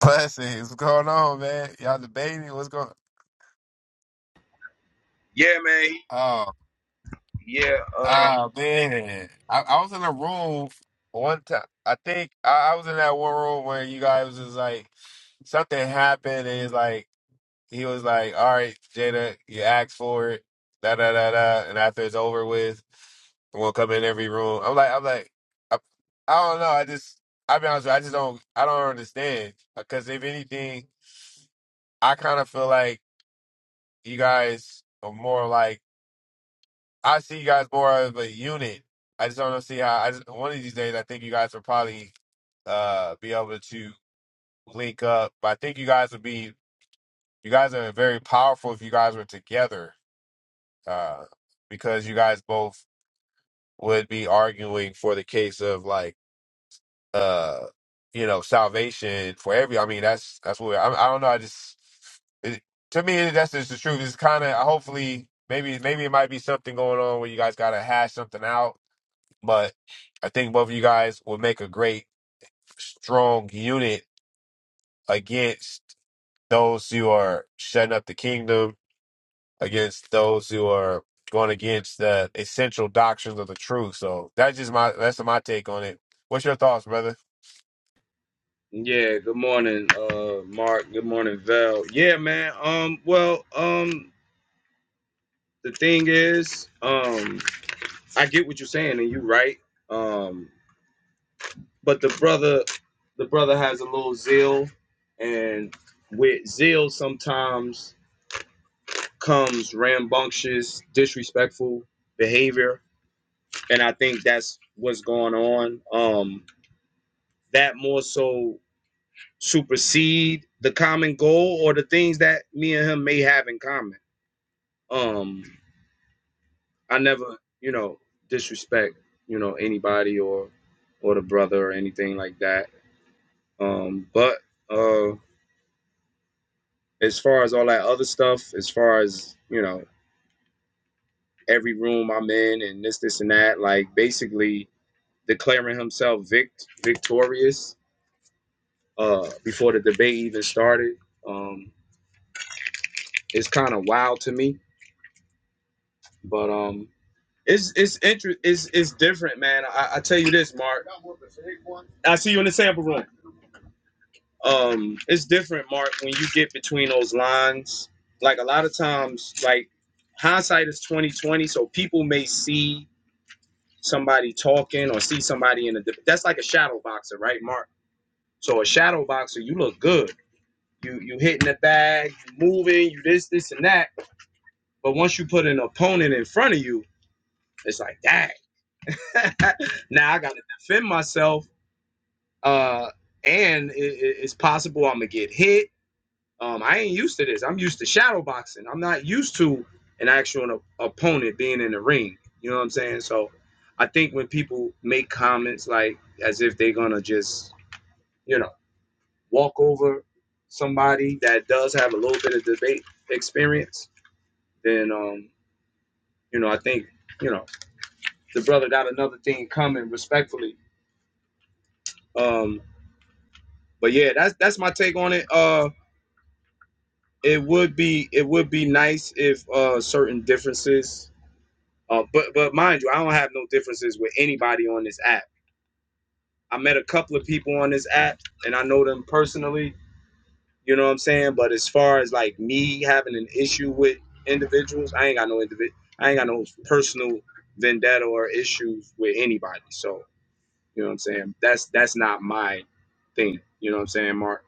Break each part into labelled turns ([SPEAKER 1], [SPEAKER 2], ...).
[SPEAKER 1] Blessings. What's going on, man? Y'all debating? What's going
[SPEAKER 2] Yeah, man.
[SPEAKER 1] Oh,
[SPEAKER 2] Yeah. Uh,
[SPEAKER 1] ah, man. I, I was in a room one time. I think I, I was in that one room where you guys was like, something happened, and it's like, he was like, all right, Jada, you asked for it, da da da da. And after it's over with, we'll come in every room. I'm like, I'm like, I, I don't know. I just, I'll be honest with you, I just don't, I don't understand. Because if anything, I kind of feel like you guys are more like, I see you guys more of a unit. I just don't see how. I just, one of these days, I think you guys will probably uh, be able to link up. But I think you guys would be. You guys are very powerful if you guys were together, uh, because you guys both would be arguing for the case of like, uh, you know, salvation for every. I mean, that's that's what I, I don't know. I just it, to me that's just the truth. It's kind of hopefully maybe maybe it might be something going on where you guys got to hash something out But I think both of you guys will make a great, strong unit against those who are shutting up the kingdom, against those who are going against the essential doctrines of the truth. So that's just my that's my take on it. What's your thoughts, brother?
[SPEAKER 2] yeah. Good morning, uh, Mark. Good morning, Val. Yeah, man. Um. Well. Um. The thing is, um, I get what you're saying, and you're right. Um. But the brother, the brother has a little zeal, and with zeal sometimes comes rambunctious, disrespectful behavior, and I think that's what's going on. Um. That more so supersede the common goal or the things that me and him may have in common. Um, I never, you know, disrespect, you know, anybody or or the brother or anything like that. Um, but uh, as far as all that other stuff, as far as you know, every room I'm in and this, this, and that, like basically declaring himself vict victorious uh, before the debate even started, um, it's kind of wild to me. But um, It's it's inter- it's, it's different, man. I, I tell you this, Mark. I see you in the sample room. Um, it's different, Mark, when you get between those lines. Like a lot of times, like hindsight is twenty twenty, so people may see somebody talking or see somebody in a. dif- That's like a shadow boxer, right, Mark? So a shadow boxer, you look good. You you hitting the bag, you moving, you this this and that. But once you put an opponent in front of you, it's like, dang. now I got to defend myself uh, and it, it's possible I'm gonna get hit. Um, I ain't used to this. I'm used to shadow boxing. I'm not used to an actual opponent being in the ring. You know what I'm saying? So I think when people make comments like as if they're gonna just you know walk over somebody that does have a little bit of debate experience, then um, you know I think you know the brother got another thing coming respectfully. Um, but yeah, that's that's my take on it. Uh, it would be it would be nice if uh certain differences uh but but mind you i don't have no differences with anybody on this app i met a couple of people on this app and i know them personally you know what i'm saying but as far as like me having an issue with individuals i ain't got no individ i ain't got no personal vendetta or issues with anybody so you know what i'm saying that's that's not my thing you know what i'm saying mark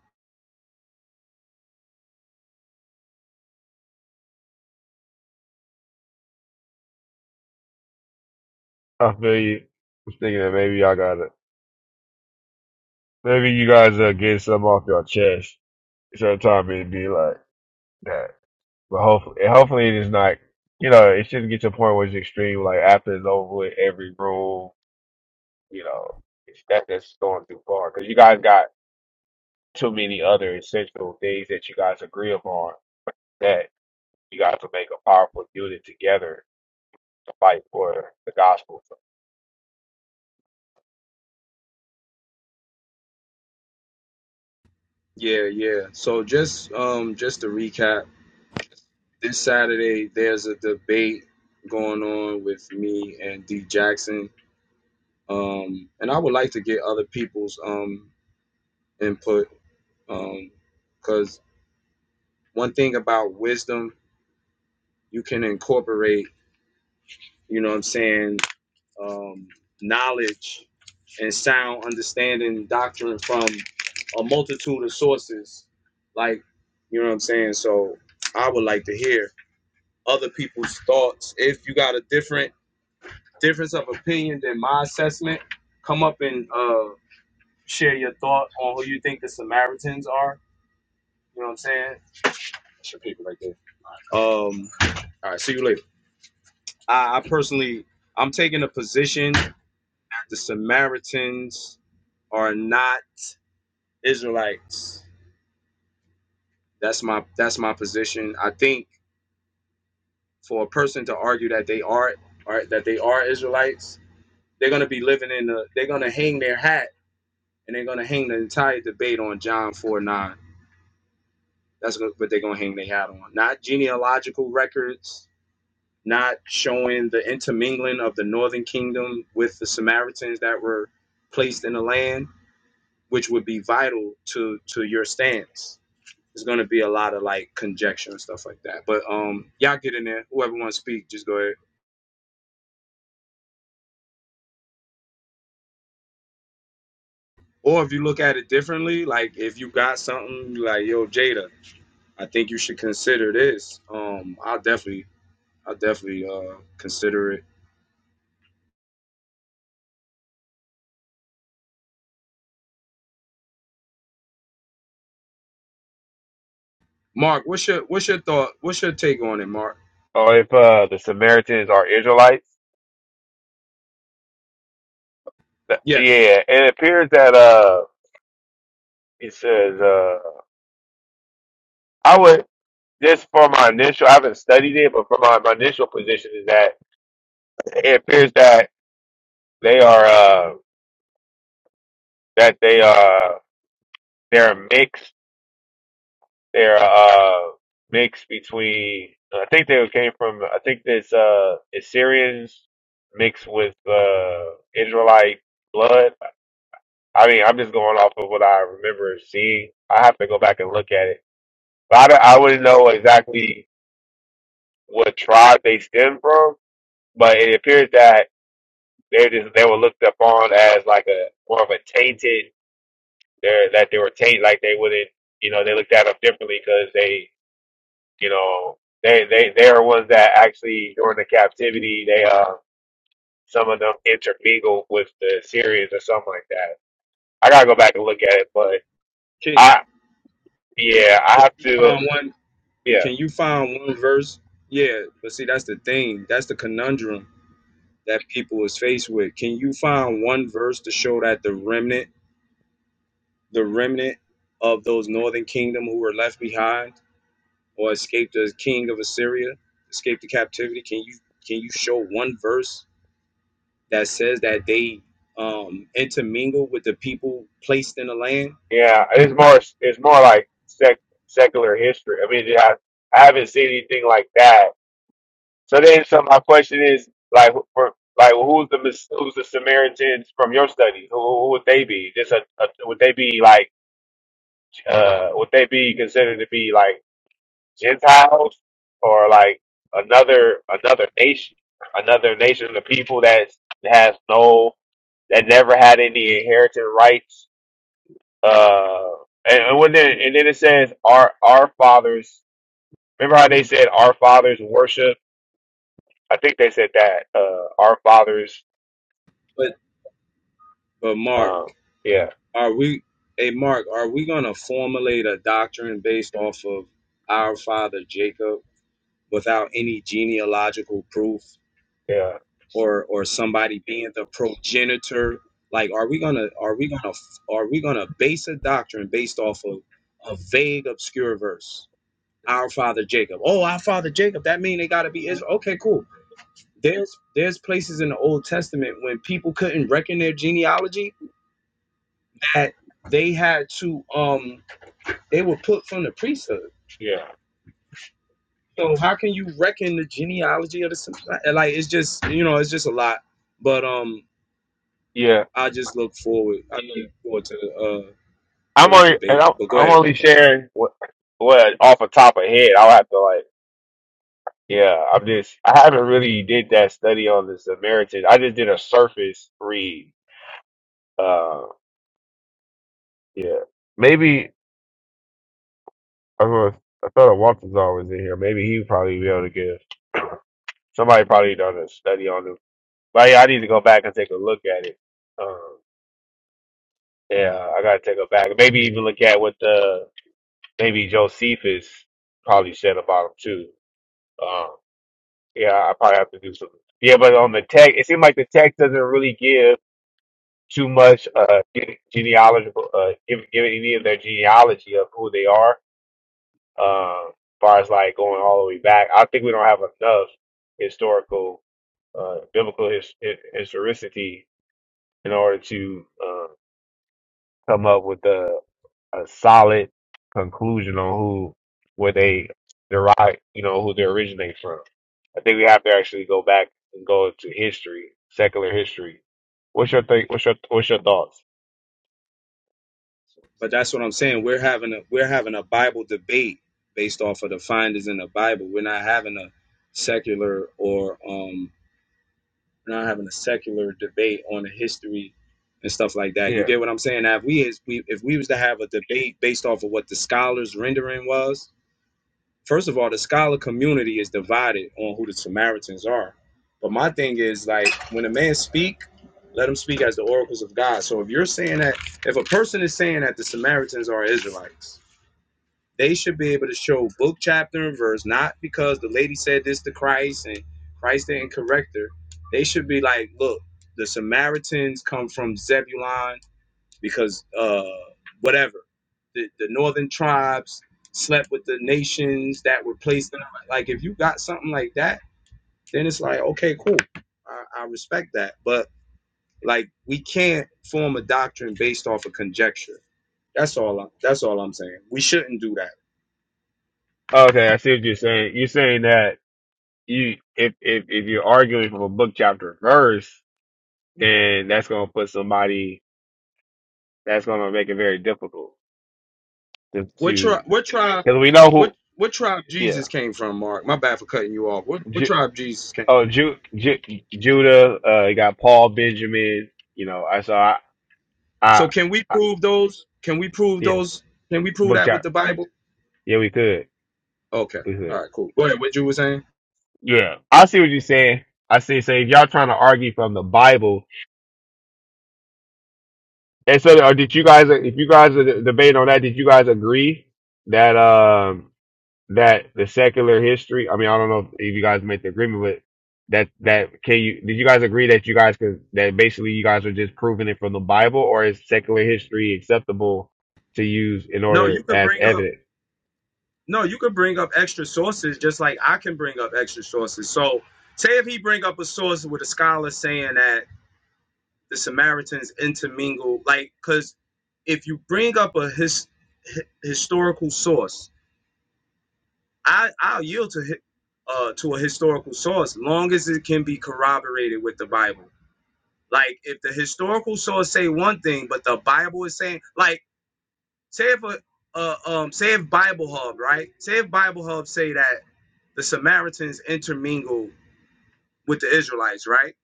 [SPEAKER 1] I feel you. I'm thinking that maybe y'all got to Maybe you guys are getting something off your chest. Sometimes it'd be like that, but hopefully, and hopefully it is not. You know, it shouldn't get to a point where it's extreme. Like after it's over with, every room. You know, it's, that that's going too far because you guys got too many other essential things that you guys agree upon that you guys will make a powerful unit together to fight for the gospel.
[SPEAKER 2] yeah yeah so just um just to recap This Saturday, there's a debate going on with me and D Jackson, um, and I would like to get other people's um, input because um, one thing about wisdom, you can incorporate, you know, what I'm saying, um, knowledge and sound understanding doctrine from a multitude of sources. Like, you know what I'm saying? So I would like to hear other people's thoughts. If you got a different difference of opinion than my assessment, come up and uh, share your thought on who you think the Samaritans are. You know what I'm saying? That's your paper right there. Um, all right, see you later. I, I personally, I'm taking a position. The Samaritans are not Israelites. That's my that's my position. I think for a person to argue that they are are that they are Israelites, they're gonna be living in the they're gonna hang their hat and they're gonna hang the entire debate on John four nine. That's gonna, what they're gonna hang their hat on. Not genealogical records, not showing the intermingling of the Northern Kingdom with the Samaritans that were placed in the land, which would be vital to to your stance. There's gonna be a lot of like conjecture and stuff like that. But um, y'all get in there. Whoever wants to speak, just go ahead. Or if you look at it differently, like if you got something you like, yo, Jada, I think you should consider this. Um, I'll definitely, I'll definitely uh, consider it Mark, what's your what's your thought? What's your take on it, Mark?
[SPEAKER 1] Or if uh, the Samaritans are Israelites, th-
[SPEAKER 2] Yes.
[SPEAKER 1] yeah, and it appears that uh, it says uh, I would just for my initial. I haven't studied it, but for my, my initial position is that it appears that they are uh, that they are they're mixed they're uh mixed between I think they came from I think this uh Assyrians mixed with uh Israelite blood. I mean I'm just going off of what I remember seeing. I have to go back and look at it. But I, don't- I wouldn't know exactly what tribe they stem from, but it appears that they just they were looked upon as like a more of a tainted. They're, that they were tainted, like they wouldn't, you know, they looked at them differently because they you know, they they they are ones that actually during the captivity they uh some of them intermingle with the Syrians or something like that. I gotta go back and look at it, but
[SPEAKER 2] Can
[SPEAKER 1] I yeah I
[SPEAKER 2] can
[SPEAKER 1] have
[SPEAKER 2] you
[SPEAKER 1] to
[SPEAKER 2] find one?
[SPEAKER 1] yeah
[SPEAKER 2] Can you find one verse? Yeah, but see, that's the thing. That's the conundrum that people is faced with. Can you find one verse to show that the remnant, the remnant of those northern kingdom who were left behind or escaped the king of Assyria, escaped the captivity? Can you can you show one verse that says that they um, intermingle with the people placed in the land?
[SPEAKER 1] yeah it's more it's more like sec, secular history. I mean I, I haven't seen anything like that. So then so my question is like who- for like who's the Mis- who's the Samaritans from your studies? Who, who would they be? Just a, a would they be like uh would they be considered to be like Gentiles or like another another nation, another nation of people that has no that never had any inheritance rights. Uh, and, and when then, and then it says our our fathers. Remember how they said our fathers worship? I think they said that uh, our fathers.
[SPEAKER 2] But but Mark,
[SPEAKER 1] Um, yeah,
[SPEAKER 2] are we? Hey Mark, are we gonna formulate a doctrine based off of our father Jacob without any genealogical proof?
[SPEAKER 1] yeah,
[SPEAKER 2] or or somebody being the progenitor like are we gonna are we gonna are we gonna base a doctrine based off of a vague obscure verse our father jacob oh our father jacob that mean they gotta be israel okay cool there's there's places in the old testament when people couldn't reckon their genealogy that they had to um they were put from the priesthood
[SPEAKER 1] yeah,
[SPEAKER 2] so how can you reckon the genealogy of the like it's just you know it's just a lot but um
[SPEAKER 1] yeah.
[SPEAKER 2] I just look forward. I look forward to the uh to
[SPEAKER 1] I'm
[SPEAKER 2] the
[SPEAKER 1] only and
[SPEAKER 2] debate.
[SPEAKER 1] I'm,
[SPEAKER 2] But go
[SPEAKER 1] I'm
[SPEAKER 2] ahead.
[SPEAKER 1] only sharing what what off the top of head. I'll have to like Yeah, I'm just I haven't really did that study on the Samaritan. I just did a surface read. Uh, yeah, maybe I, was, I thought I could somebody knew, but yeah, I got it. Um, yeah, I got it. maybe uh maybe probably said about them too. Um, yeah, so- yeah, but on the text, it seemed like the text doesn't really give too much uh ge- genealogical uh give give any of their genealogy of who they are. Um, as far as like going all the way back, I think we don't have enough historical uh, biblical his, hi- historicity in order to uh, come up with a, a solid conclusion on who where they derive, you know, who they originate from. I think we have to actually go back and go to history, secular history. What's your think? What's your what's your thoughts?
[SPEAKER 2] But that's what I'm saying. We're having a we're having a Bible debate based off of the findings in the Bible. We're not having a secular or um we're not having a secular debate on the history and stuff like that. You
[SPEAKER 1] Yeah.
[SPEAKER 2] get what I'm saying? Now, if we is we if we was to have a debate based off of what the scholars rendering was, First of all, the scholar community is divided on who the Samaritans are. But my thing is like when a man speak, let him speak as the oracles of God. So if you're saying that if a person is saying that the Samaritans are Israelites, they should be able to show book, chapter, and verse, not because the lady said this to Christ and Christ didn't correct her. They should be like, look, the Samaritans come from Zebulon because uh, whatever the, the northern tribes slept with the nations that were placed in like if you got something like that then it's like okay cool i, I respect that but like we can't form a doctrine based off of conjecture that's all I, that's all i'm saying we shouldn't do that
[SPEAKER 1] Okay, I see what you're saying. You're saying that you if if if you're arguing from a book chapter verse, then that's going to make it very difficult to
[SPEAKER 2] what tribe?
[SPEAKER 1] to
[SPEAKER 2] what tribe
[SPEAKER 1] because we know
[SPEAKER 2] what
[SPEAKER 1] who.
[SPEAKER 2] what tribe
[SPEAKER 1] Yeah.
[SPEAKER 2] jesus came from mark my bad for cutting you off what, what tribe jesus came
[SPEAKER 1] Oh,
[SPEAKER 2] from
[SPEAKER 1] Ju, Ju, Judah. Uh, you got Paul Benjamin. You know, I saw. I,
[SPEAKER 2] so
[SPEAKER 1] I,
[SPEAKER 2] can we
[SPEAKER 1] I
[SPEAKER 2] prove those can we prove
[SPEAKER 1] yeah,
[SPEAKER 2] those can we prove
[SPEAKER 1] book
[SPEAKER 2] that with
[SPEAKER 1] shop.
[SPEAKER 2] the bible
[SPEAKER 1] Yeah, we could.
[SPEAKER 2] Okay.
[SPEAKER 1] We
[SPEAKER 2] All
[SPEAKER 1] could.
[SPEAKER 2] right. Cool. Go ahead. What you were saying?
[SPEAKER 1] Yeah, I see what you're saying. I see. So if y'all trying to argue from the Bible, and so or did you guys? If you guys are debating on that, did you guys agree that? Um, that the secular history. I mean, I don't know if you guys made the agreement, but that that can you did you guys agree that you guys could that basically you guys are just proving it from the Bible, or is secular history acceptable to use in
[SPEAKER 2] No, you
[SPEAKER 1] order
[SPEAKER 2] could
[SPEAKER 1] as
[SPEAKER 2] bring up
[SPEAKER 1] evidence?
[SPEAKER 2] no, you could bring up extra sources just like I can bring up extra sources. So say if he bring up a source with a scholar saying that the Samaritans intermingle, like because if you bring up a his, hi- historical source, I I'll yield to hi- uh to a historical source long as it can be corroborated with the Bible. Like if the historical source say one thing, but the Bible is saying like say if a uh, um say if Bible Hub, right? Say if Bible Hub say that the Samaritans intermingle with the Israelites, right?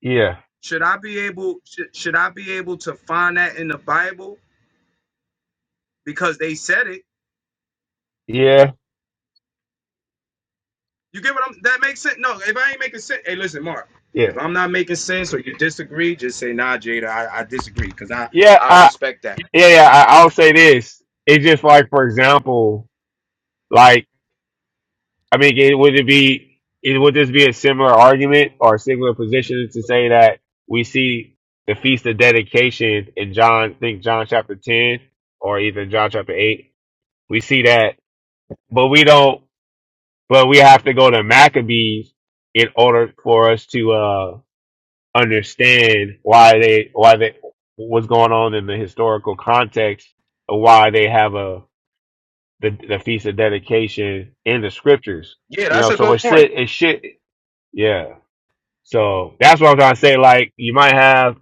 [SPEAKER 1] Yeah,
[SPEAKER 2] Should I be able should, should I be able to find that in the Bible because they said it?
[SPEAKER 1] yeah,
[SPEAKER 2] You get what I'm that makes sense? No, if I ain't making sense, hey listen, Mark. If
[SPEAKER 1] yeah,
[SPEAKER 2] I'm not making sense or you disagree, just say nah, Jada, I, I disagree because I
[SPEAKER 1] yeah.
[SPEAKER 2] I
[SPEAKER 1] I
[SPEAKER 2] respect that.
[SPEAKER 1] yeah yeah. I, I'll say this. It's just like for example, like. I mean, it, would it be it, would this be a similar argument or a similar position to say that we see the feast of dedication in John, I think John chapter ten or even John chapter eight. We see that, but we don't. But we have to go to Maccabees in order for us to uh, understand why they why they what's going on in the historical context of why they have a the, the feast of dedication in the scriptures.
[SPEAKER 2] Yeah,
[SPEAKER 1] You
[SPEAKER 2] that's
[SPEAKER 1] know,
[SPEAKER 2] a
[SPEAKER 1] so it
[SPEAKER 2] good
[SPEAKER 1] should
[SPEAKER 2] point.
[SPEAKER 1] it should. Yeah. So that's what I'm trying to say. Like you might have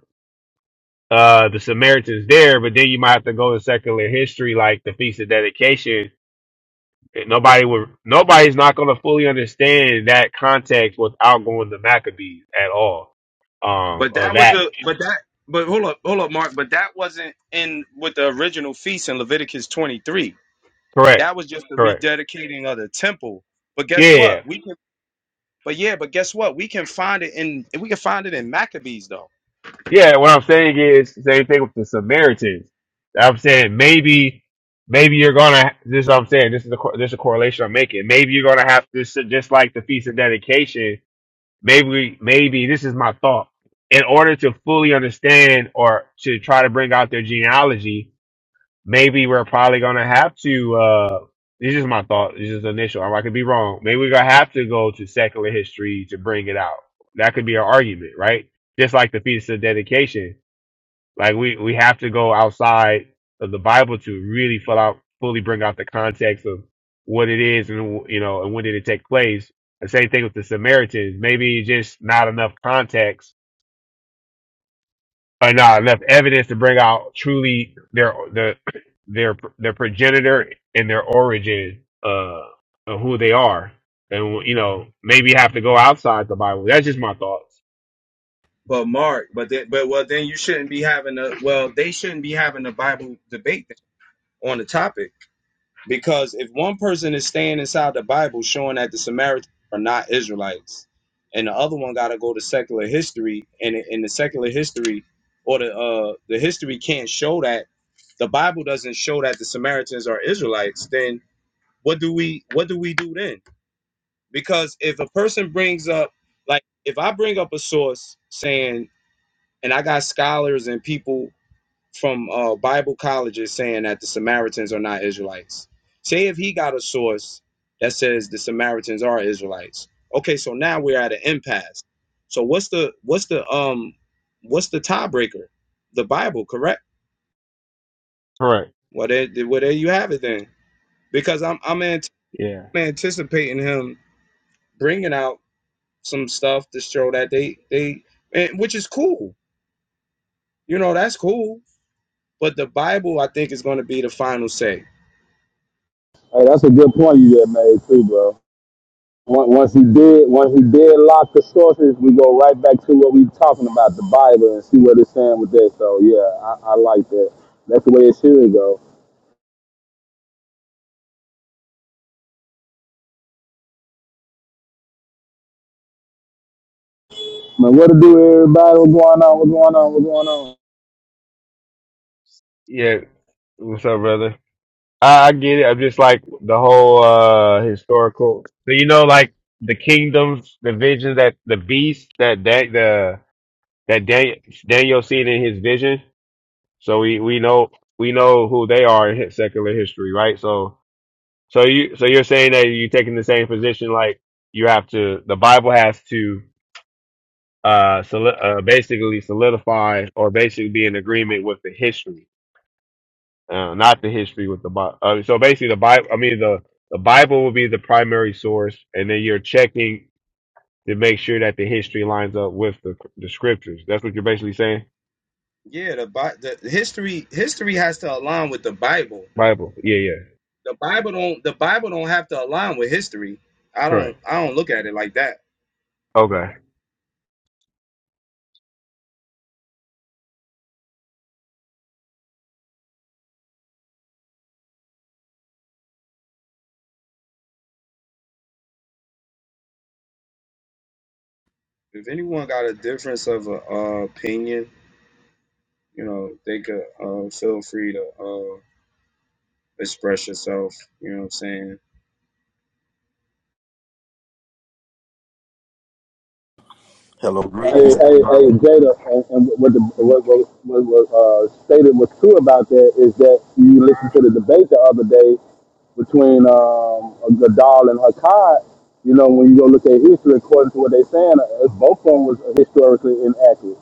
[SPEAKER 1] uh the Samaritans there, but then you might have to go to secular history, like the Feast of Dedication. And Nobody would nobody's not gonna fully understand that context without going to Maccabees at all. Um
[SPEAKER 2] But
[SPEAKER 1] of
[SPEAKER 2] that was
[SPEAKER 1] that.
[SPEAKER 2] a but that but hold up, hold up, Mark. But that wasn't in with the original feast in Leviticus 23
[SPEAKER 1] Correct.
[SPEAKER 2] That was just the
[SPEAKER 1] Correct.
[SPEAKER 2] rededicating of the temple. But guess what?
[SPEAKER 1] Yeah.
[SPEAKER 2] We can but yeah, but guess what? We can find it in we can find it in Maccabees though.
[SPEAKER 1] Yeah, what I'm saying is same thing with the Samaritans. I'm saying maybe maybe you're gonna this is what I'm saying, this is the co- this is a correlation I'm making. Maybe you're gonna have to just like the Feast of Dedication maybe maybe this is my thought in order to fully understand or to try to bring out their genealogy maybe we're probably going to have to uh this is my thought this is initial i could be wrong maybe we're going to have to go to secular history to bring it out that could be an argument right just like the fetus of dedication like we we have to go outside of the Bible to really fill out fully bring out the context of what it is and you know and when did it take place. The same thing with the Samaritans. Maybe just not enough context or not enough evidence to bring out truly their the their their progenitor and their origin uh of who they are. And you know maybe have to go outside the Bible. That's just my thoughts.
[SPEAKER 2] But Mark, but then, but well, then you shouldn't be having a well, they shouldn't be having a Bible debate on the topic Because if one person is staying inside the Bible showing that the Samaritans are not Israelites, and the other one gotta go to secular history, and in the secular history or the uh the history can't show that the Bible doesn't show that the Samaritans are Israelites, then what do we what do we do then because if a person brings up like if i bring up a source saying and i got scholars and people from uh, bible colleges saying that the samaritans are not israelites say if he got a source that says the samaritans are israelites okay so now we're at an impasse so what's the what's the um what's the tiebreaker the bible correct
[SPEAKER 1] Correct.
[SPEAKER 2] well there, well, there you have it then because i'm i'm, ant-
[SPEAKER 1] Yeah.
[SPEAKER 2] I'm anticipating him bringing out some stuff to show that they they and, which is cool. You know, that's cool. But the Bible, I think, is going to be the final say.
[SPEAKER 3] Hey, that's a good point you just made too, bro. Once once he did, once he did lock the sources, we go right back to what we talking about, the Bible, and see what it's saying with that. So yeah, I, I like that. That's the way it should go. Man, what to do, everybody? What's going on? What's going on? What's going on?
[SPEAKER 1] Yeah. What's up, brother? I, I get it. I'm just like the whole uh historical. So you know, like the kingdoms, the visions that the beast that that the that Daniel, Daniel seen in his vision. So we we know we know who they are in his- secular history, right? So so you so you're saying that you're taking the same position, like you have to. The Bible has to uh, soli- uh basically solidify or basically be in agreement with the history. uh, not the history with the Bible. Uh, so basically, the Bible, I mean, the, the Bible will be the primary source, and then you're checking to make sure that the history lines up with the, the scriptures. That's what you're basically saying?
[SPEAKER 2] Yeah, the the history history has to align with the Bible.
[SPEAKER 1] Bible. Yeah, yeah.
[SPEAKER 2] The Bible don't the Bible don't have to align with history. I don't
[SPEAKER 1] Correct.
[SPEAKER 2] I don't look at it like that.
[SPEAKER 1] Okay.
[SPEAKER 2] If anyone got a difference of uh, uh, opinion, you know, they could uh, feel free to uh, express yourself. You know what I'm saying?
[SPEAKER 4] Hello,
[SPEAKER 3] Hey,
[SPEAKER 4] greetings.
[SPEAKER 3] hey, hey, Jada, and, and what the what what, what, what uh, stated was true about that is that you listened to the debate the other day between um, Gadal and Hakkad. You know, when you go look at history, according to what they're saying, uh, both of them was historically inaccurate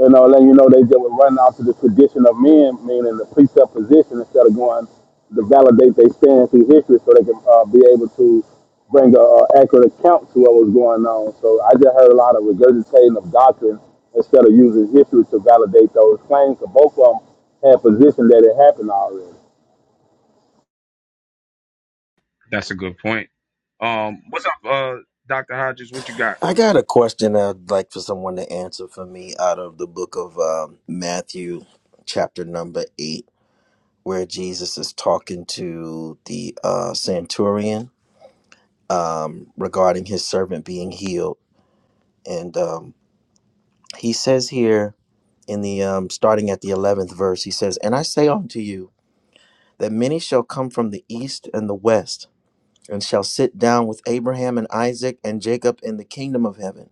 [SPEAKER 3] you know, letting you know they just were running off to the tradition of men, meaning the presupposition instead of going to validate their stand through history so they can uh, be able to bring a, a accurate account to what was going on. So I just heard a lot of regurgitating of doctrine instead of using history to validate those claims. So both of them had positioned that it happened already.
[SPEAKER 2] That's a good point. Um, what's up, uh, Doctor Hodges? What you got?
[SPEAKER 4] I got a question I'd like for someone to answer for me out of the book of um, Matthew, chapter number eight, where Jesus is talking to the uh, centurion um, regarding his servant being healed. And um, he says here in the um, starting at the 11th verse, he says, And I say unto you that many shall come from the east and the west, and shall sit down with Abraham and Isaac and Jacob in the kingdom of heaven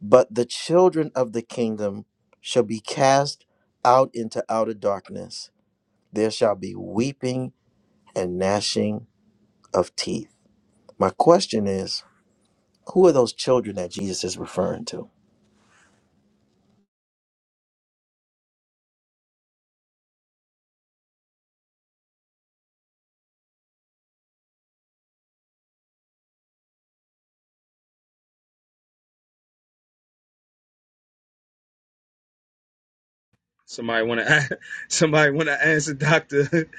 [SPEAKER 4] But the children of the kingdom shall be cast out into outer darkness. There shall be weeping and gnashing of teeth. My question is who are those children that Jesus is referring to?
[SPEAKER 2] Somebody want to somebody want to answer Doctor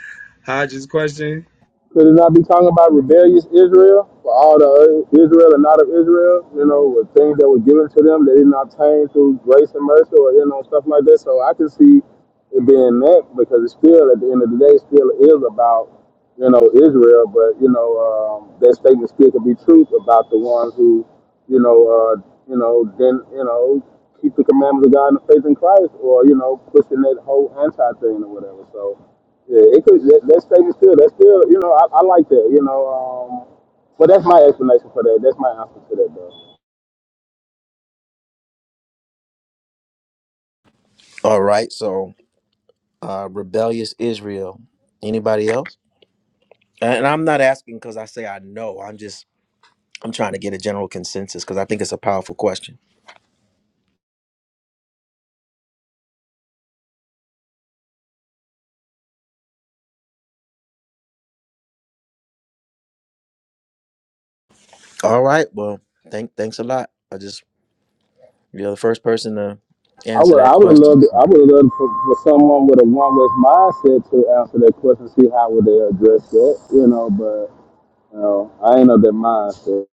[SPEAKER 2] Hodges' question?
[SPEAKER 3] Could it not be talking about rebellious Israel? For all the uh, Israel and not of Israel, you know, with things that were given to them, they did not obtain through grace and mercy or, you know, stuff like that. So I can see it being that because it's still, at the end of the day, it still is about, you know, Israel. But, you know, um, that statement still could be truth about the ones who, you know, uh, you know, then, you know, keep the commandments of God and the faith in Christ or, you know, pushing that whole anti thing or whatever. So, yeah, it could. That, that statement still. That's still. You know, I, I like that. You know, um, but that's my explanation for that. That's my answer to that, though.
[SPEAKER 4] All right, so uh, rebellious Israel. Anybody else? And I'm not asking because I say I know. I'm just I'm trying to get a general consensus because I think it's a powerful question. All right, well, thank thanks a lot. I just you're the first person to
[SPEAKER 3] I
[SPEAKER 4] answer
[SPEAKER 3] would.
[SPEAKER 4] that
[SPEAKER 3] I would have
[SPEAKER 4] question.
[SPEAKER 3] loved.
[SPEAKER 4] so.
[SPEAKER 3] I would have loved for, for someone with a one West mindset to answer that question. See how would they address that? You know, but you know, I ain't of that mindset.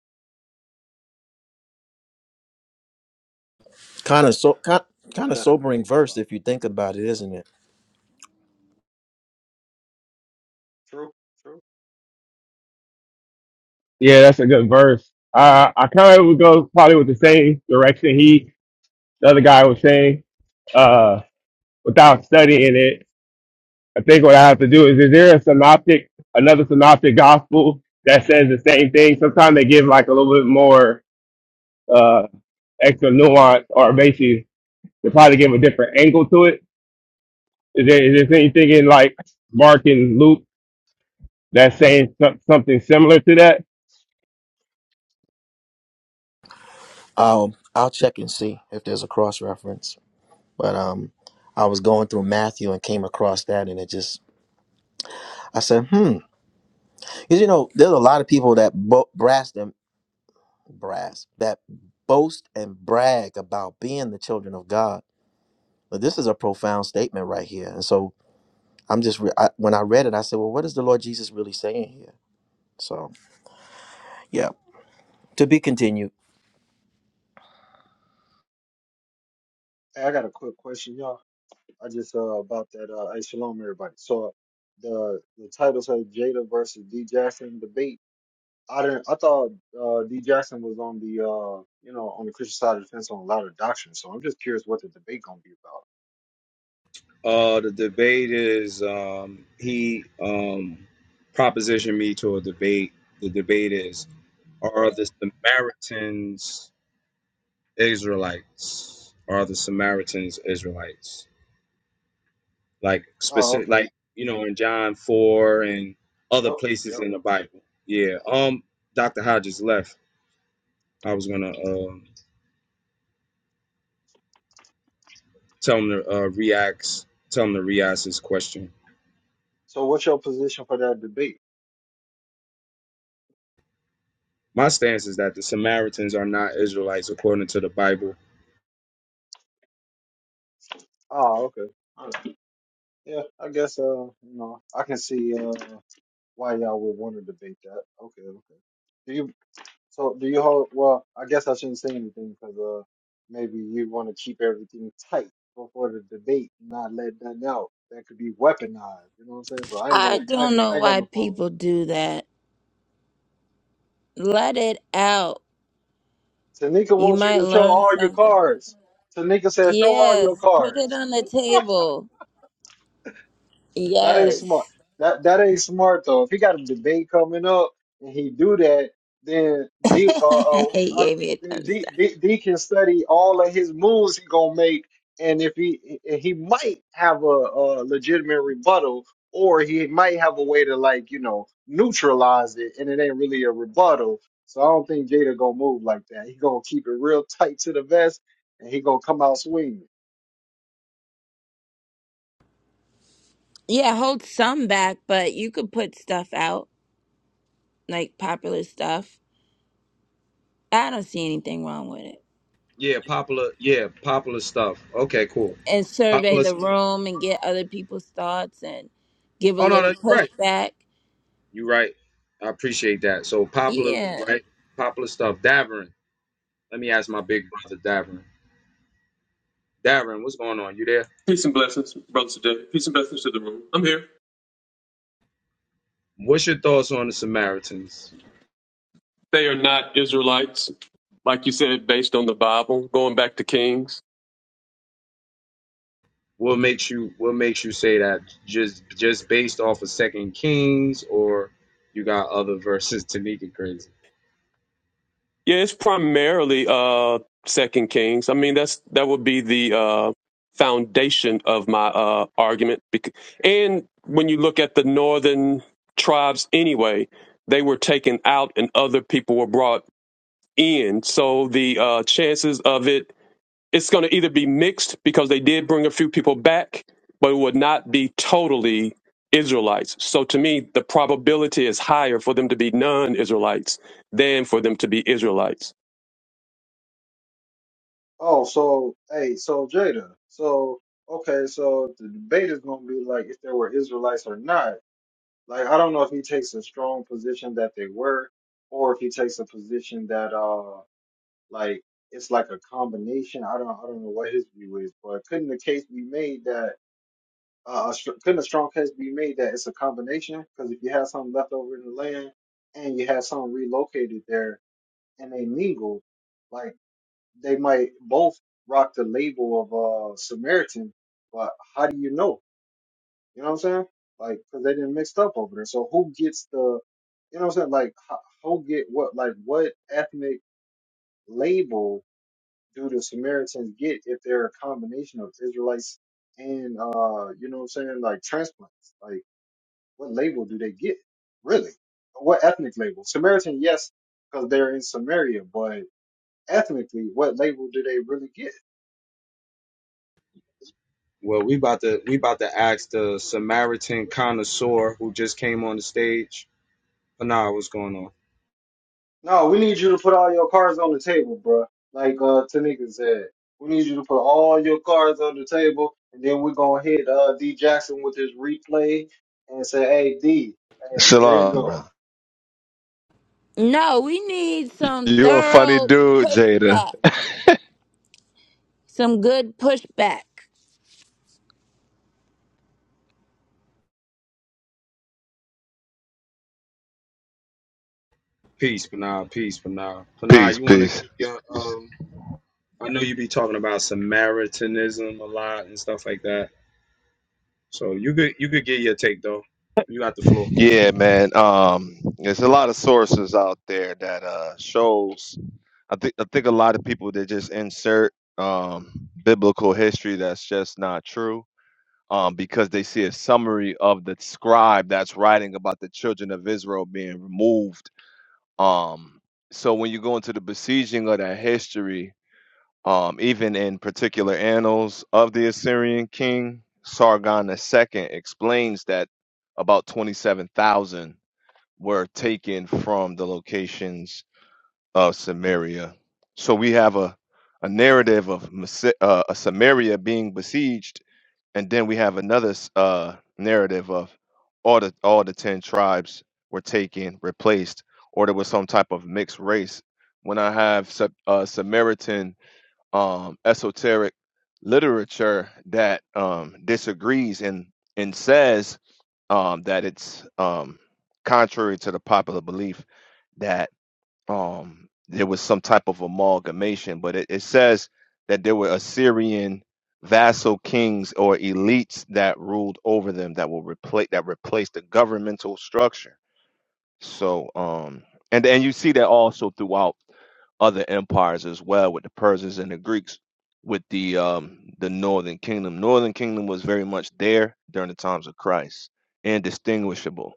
[SPEAKER 4] Kind of so kind,
[SPEAKER 5] Yeah,
[SPEAKER 4] kind
[SPEAKER 5] I
[SPEAKER 4] of
[SPEAKER 5] got a hey,
[SPEAKER 4] sobering
[SPEAKER 5] what's
[SPEAKER 4] verse
[SPEAKER 5] up?
[SPEAKER 4] if you think about it, isn't it?
[SPEAKER 5] True, true.
[SPEAKER 1] Yeah, that's a good verse. Uh, I kind of would go probably with the same direction he, the other guy was saying, uh, without studying it. I think what I have to do is, is there a synoptic, another synoptic gospel that says the same thing? Sometimes they give like a little bit more uh, extra nuance or basically to probably give a different angle to it. Is there, is there anything in like Mark and Luke that's saying some, something similar to that?
[SPEAKER 4] Um, I'll check and see if there's a cross reference. But um, I was going through Matthew and came across that, and it just I said, hmm, because you know there's a lot of people that bo- brass them brass that boast and brag about being the children of God. But this is a profound statement right here, and so I'm just re- I, when I read it, I said, well, what is the Lord Jesus really saying here? So yeah, to be continued.
[SPEAKER 5] Hey, I got a quick question, y'all. I just uh about that uh hey shalom everybody. So uh, the the title says Jada versus D Jackson debate. I didn't I thought uh D Jackson was on the uh you know on the Christian side of the fence on a lot of doctrine, so I'm just curious what the debate gonna be about.
[SPEAKER 2] Uh, the debate is um, he um, propositioned me to a debate. The debate is: Are the Samaritans Israelites? Are the Samaritans Israelites? Like
[SPEAKER 5] Oh,
[SPEAKER 2] specific,
[SPEAKER 5] okay.
[SPEAKER 2] like you know, in John four and other
[SPEAKER 5] Yep,
[SPEAKER 2] places
[SPEAKER 5] yep.
[SPEAKER 2] in the Bible. Yeah. Um, Doctor Hodges left. I was gonna. uh, Tell him to uh, react. Tell him to re-ask his question.
[SPEAKER 5] So what's your position for that debate?
[SPEAKER 2] My stance is that the Samaritans are not Israelites according to the Bible.
[SPEAKER 5] Oh, okay. All right. Yeah, I guess uh you know I can see uh why y'all would want to debate that. Okay, okay. Do you? So do you hold? Well, I guess I shouldn't say anything because uh, maybe you want to keep everything tight before the debate, and not let nothing out that could be weaponized. You know what I'm saying? So I ain't
[SPEAKER 6] I
[SPEAKER 5] gonna, I,
[SPEAKER 6] don't
[SPEAKER 5] ain't- I
[SPEAKER 6] know
[SPEAKER 5] ain't got
[SPEAKER 6] why
[SPEAKER 5] no
[SPEAKER 6] people
[SPEAKER 5] followers.
[SPEAKER 6] do that. Let it out.
[SPEAKER 5] Tanika
[SPEAKER 6] You
[SPEAKER 5] wants you
[SPEAKER 6] might
[SPEAKER 5] to show
[SPEAKER 6] learn
[SPEAKER 5] all your
[SPEAKER 6] something.
[SPEAKER 5] cards. Tanika says, show all your
[SPEAKER 6] Yes, put it
[SPEAKER 5] cards.
[SPEAKER 6] on the table.
[SPEAKER 5] That ain't smart.
[SPEAKER 6] Yes.
[SPEAKER 5] That that ain't smart though. If he got a debate coming up and he do that, then D uh, uh
[SPEAKER 6] he
[SPEAKER 5] I-
[SPEAKER 6] gave me a thumbs
[SPEAKER 5] D,
[SPEAKER 6] down.
[SPEAKER 5] D D can study all of his moves he gonna make, and if he and he might have a, a legitimate rebuttal, or he might have a way to like you know neutralize it, and it ain't really a rebuttal. So I don't think Jada gonna move like that. He gonna keep it real tight to the vest, and he gonna come out swinging.
[SPEAKER 6] Yeah, hold some back, but you could put stuff out, like popular stuff. I don't see anything wrong with it.
[SPEAKER 2] Yeah, popular. Yeah, popular stuff. Okay, cool.
[SPEAKER 6] And survey
[SPEAKER 2] Popular
[SPEAKER 6] the
[SPEAKER 2] stuff.
[SPEAKER 6] room and get other people's thoughts and give a
[SPEAKER 2] Oh no, no,
[SPEAKER 6] little
[SPEAKER 2] you're right.
[SPEAKER 6] pushback.
[SPEAKER 2] You're right. I appreciate that. So popular,
[SPEAKER 6] Yeah.
[SPEAKER 2] right? Popular stuff. Davern. Let me ask my big brother, Davern. Davern, what's going on? You there?
[SPEAKER 7] Peace and blessings, Brother Today. Peace and blessings to the room. I'm here.
[SPEAKER 2] What's your thoughts on the Samaritans?
[SPEAKER 7] They are not Israelites, like you said, based on the Bible, going back to Kings.
[SPEAKER 2] What makes you what makes you say that just just based off of Second Kings or you got other verses Tanika crazy?
[SPEAKER 7] Yeah, it's primarily uh Second Kings. I mean, that's that would be the uh foundation of my uh argument. Bec- And when you look at the northern tribes anyway, they were taken out and other people were brought in. So the uh chances of it it's going to either be mixed because they did bring a few people back, but it would not be totally Israelites. So to me, the probability is higher for them to be non Israelites than for them to be Israelites.
[SPEAKER 5] Oh, so hey, so Jada, so okay, so the debate is gonna be like if there were Israelites or not. Like I don't know if he takes a strong position that they were, or if he takes a position that uh like it's like a combination. I don't I don't know what his view is, but couldn't the case be made that uh a str- couldn't a strong case be made that it's a combination? Because if you have something left over in the land and you have something relocated there and they mingle. like they might both rock the label of uh Samaritan, but how do you know? You know what I'm saying? Like, cause they didn't mixed up over there. So who gets the, you know what I'm saying? Like, ho- who get what? Like, what ethnic label do the Samaritans get if they're a combination of Israelites and uh, you know what I'm saying? Like transplants. Like, what label do they get? Really? What ethnic label? Samaritan, yes, because they're in Samaria, but ethnically, what label do they really get?
[SPEAKER 2] Well, we about to we about to ask the Samaritan connoisseur who just came on the stage. Panah, what's going on?
[SPEAKER 5] No, we need you to put all your cards on the table, bro. Like uh Tanika said, we need you to put all your cards on the table, and then we're gonna hit uh D Jackson with his replay and say, "Hey D, hey, there you
[SPEAKER 8] Shalom, brother.
[SPEAKER 5] go."
[SPEAKER 6] No, we need some
[SPEAKER 8] You're a funny
[SPEAKER 6] thorough
[SPEAKER 8] dude, Jada.
[SPEAKER 6] pushback. Some good pushback.
[SPEAKER 2] Peace, Panah, peace, Panah. Panah,
[SPEAKER 8] Peace,
[SPEAKER 2] you wanna give
[SPEAKER 8] peace.
[SPEAKER 2] your um I know you be talking about Samaritanism a lot and stuff like that. So you could you could get your take though. You got the floor.
[SPEAKER 8] Yeah, man. Um, there's a lot of sources out there that uh shows. I think I think a lot of people that just insert um biblical history that's just not true. Um, because they see a summary of the scribe that's writing about the children of Israel being removed. Um, so when you go into the besieging of that history, Um, even in particular annals of the Assyrian king, Sargon II explains that about 27,000 were taken from the locations of Samaria. So we have a, a narrative of Mas- uh, a Samaria being besieged, and then we have another s- uh, narrative of all the all the ten tribes were taken, replaced, or there was some type of mixed race. When I have Sa- uh, Samaritan um, esoteric literature that um, disagrees and and says um, that it's um, contrary to the popular belief that um, there was some type of amalgamation, but it, it says that there were Assyrian vassal kings or elites that ruled over them that will replace that replaced the governmental structure so, um, and and you see that also throughout other empires as well, with the Persians and the Greeks, with the um, the Northern Kingdom. Northern Kingdom was very much there during the times of Christ, indistinguishable.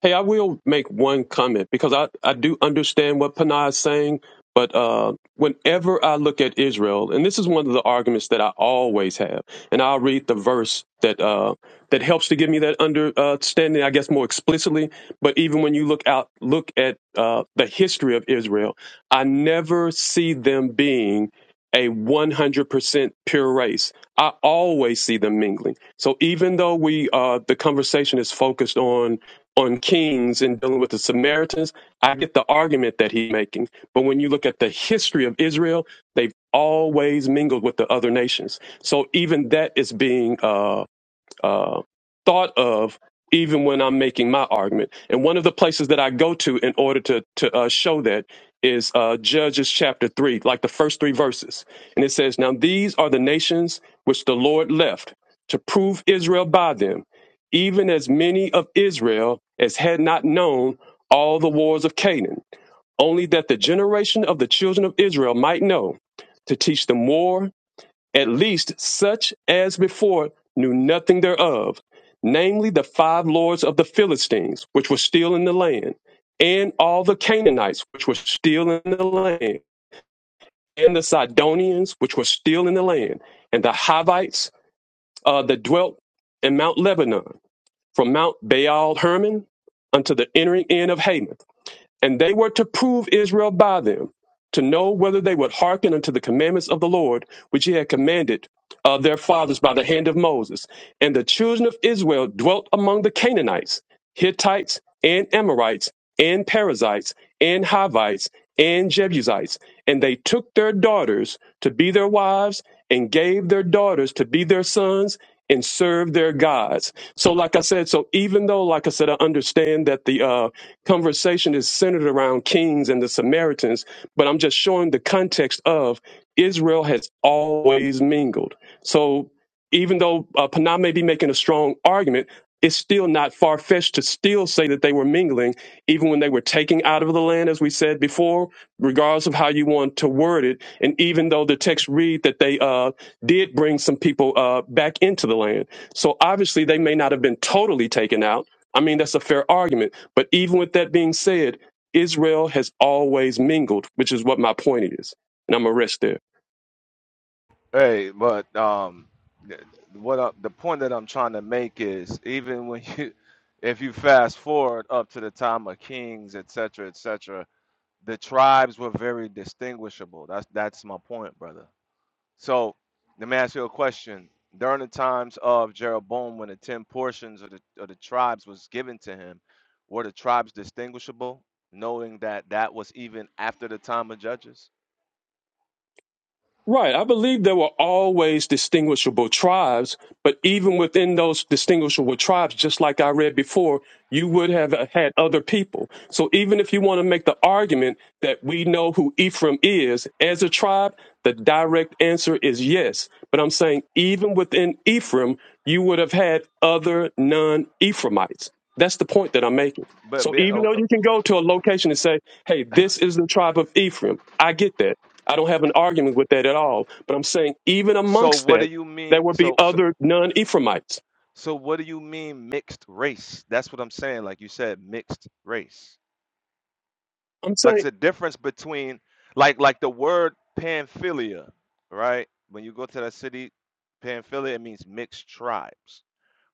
[SPEAKER 7] Hey, I will make one comment because I, I do understand what Panah is saying, but uh, whenever I look at Israel, and this is one of the arguments that I always have, and I'll read the verse that uh, that helps to give me that understanding, I guess, more explicitly. But even when you look out, look at uh, the history of Israel, I never see them being a 100% pure race. I always see them mingling. So even though we uh, the conversation is focused on on Kings and dealing with the Samaritans, I get the argument that he's making. But when you look at the history of Israel, they've always mingled with the other nations. So even that is being uh, uh, thought of even when I'm making my argument. And one of the places that I go to in order to to uh, show that is uh, Judges chapter three, like the first three verses, and it says, "Now these are the nations which the Lord left to prove Israel by them, even as many of Israel as had not known." All the wars of Canaan, only that the generation of the children of Israel might know, to teach them war at least such as before knew nothing thereof, namely the five lords of the Philistines, which were still in the land, and all the Canaanites, which were still in the land, and the Sidonians, which were still in the land, and the Hivites uh, that dwelt in Mount Lebanon, from Mount Baal Hermon unto the entering in of Hamath and they were to prove Israel by them, to know whether they would hearken unto the commandments of the Lord, which he had commanded of their fathers by the hand of Moses. And the children of Israel dwelt among the Canaanites, Hittites, and Amorites, and Perizzites, and Hivites, and Jebusites. And they took their daughters to be their wives, and gave their daughters to be their sons, and served their gods. So, like I said, so even though, like I said, I understand that the uh conversation is centered around kings and the Samaritans, but I'm just showing the context of Israel has always mingled. So even though uh, Panah may be making a strong argument, it's still not far fetched to still say that they were mingling, even when they were taking out of the land, as we said before, regardless of how you want to word it. And even though the text read that they uh, did bring some people uh, back into the land. So obviously they may not have been totally taken out I mean, that's a fair argument. But even with that being said, Israel has always mingled, which is what my point is. And I'm going to rest there.
[SPEAKER 8] Hey, but um, th- what I, the point that I'm trying to make is even when you, if you fast forward up to the time of kings, et cetera, et cetera, the tribes were very distinguishable. That's that's my point, brother. So let me ask you a question. During the times of Jeroboam, when the ten portions of the of the tribes was given to him, were the tribes distinguishable, knowing that that was even after the time of Judges?
[SPEAKER 7] Right. I believe there were always distinguishable tribes, but even within those distinguishable tribes, just like I read before, you would have uh, had other people. So even if you want to make the argument that we know who Ephraim is as a tribe, the direct answer is yes. But I'm saying even within Ephraim, you would have had other non Ephraimites. That's the point that I'm making.
[SPEAKER 8] But,
[SPEAKER 7] So
[SPEAKER 8] but
[SPEAKER 7] even
[SPEAKER 8] oh,
[SPEAKER 7] though
[SPEAKER 8] oh,
[SPEAKER 7] you can go to a location and say, hey, this is the tribe of Ephraim, I get that I don't have an argument with that at all. But I'm saying even
[SPEAKER 8] so
[SPEAKER 7] amongst
[SPEAKER 8] what do
[SPEAKER 7] that,
[SPEAKER 8] you
[SPEAKER 7] there
[SPEAKER 8] mean?
[SPEAKER 7] would be
[SPEAKER 8] So so
[SPEAKER 7] other non-Ephraimites.
[SPEAKER 8] so what do you mean mixed race? That's what I'm saying. Like you said, mixed race.
[SPEAKER 7] I'm saying
[SPEAKER 8] Like it's a difference between like like the word Pamphylia, right? When you go to that city, Pamphylia, it means mixed tribes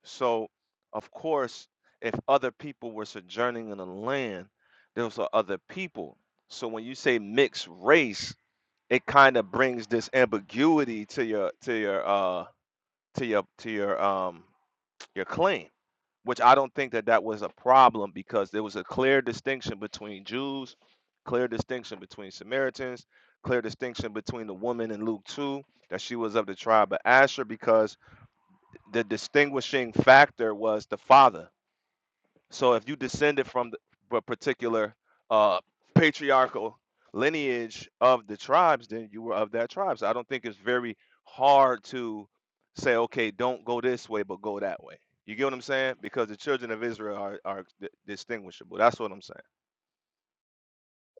[SPEAKER 8] So, of course, if other people were sojourning in the land, those are other people. So when you say mixed race, it kind of brings this ambiguity to your to your uh to your to your um your claim, which I don't think that that was a problem because there was a clear distinction between Jews, clear distinction between Samaritans, clear distinction between the woman in Luke 2 that she was of the tribe of Asher because the distinguishing factor was the father so if you descended from the, a particular uh, patriarchal lineage of the tribes, then you were of that tribe. So I don't think it's very hard to say, okay, don't go this way, but go that way. You get what I'm saying? Because the children of Israel are, are distinguishable. That's what I'm saying.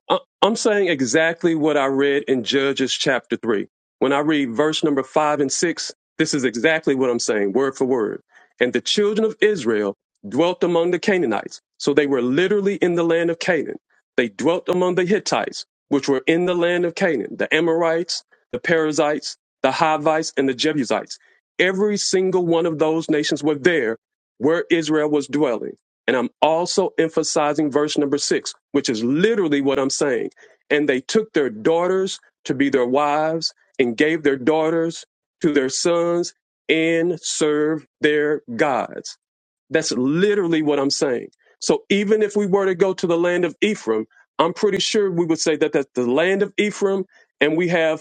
[SPEAKER 7] I- I'm saying exactly what I read in Judges chapter 3. When I read verse number 5 and 6, this is exactly what I'm saying, word for word. And the children of Israel dwelt among the Canaanites. So they were literally in the land of Canaan. They dwelt among the Hittites, which were in the land of Canaan, the Amorites, the Perizzites, the Hivites, and the Jebusites. Every single one of those nations were there where Israel was dwelling. And I'm also emphasizing verse number six, which is literally what I'm saying. And they took their daughters to be their wives and gave their daughters to their sons and served their gods. That's literally what I'm saying. So even if we were to go to the land of Ephraim, I'm pretty sure we would say that that's the land of Ephraim. And we have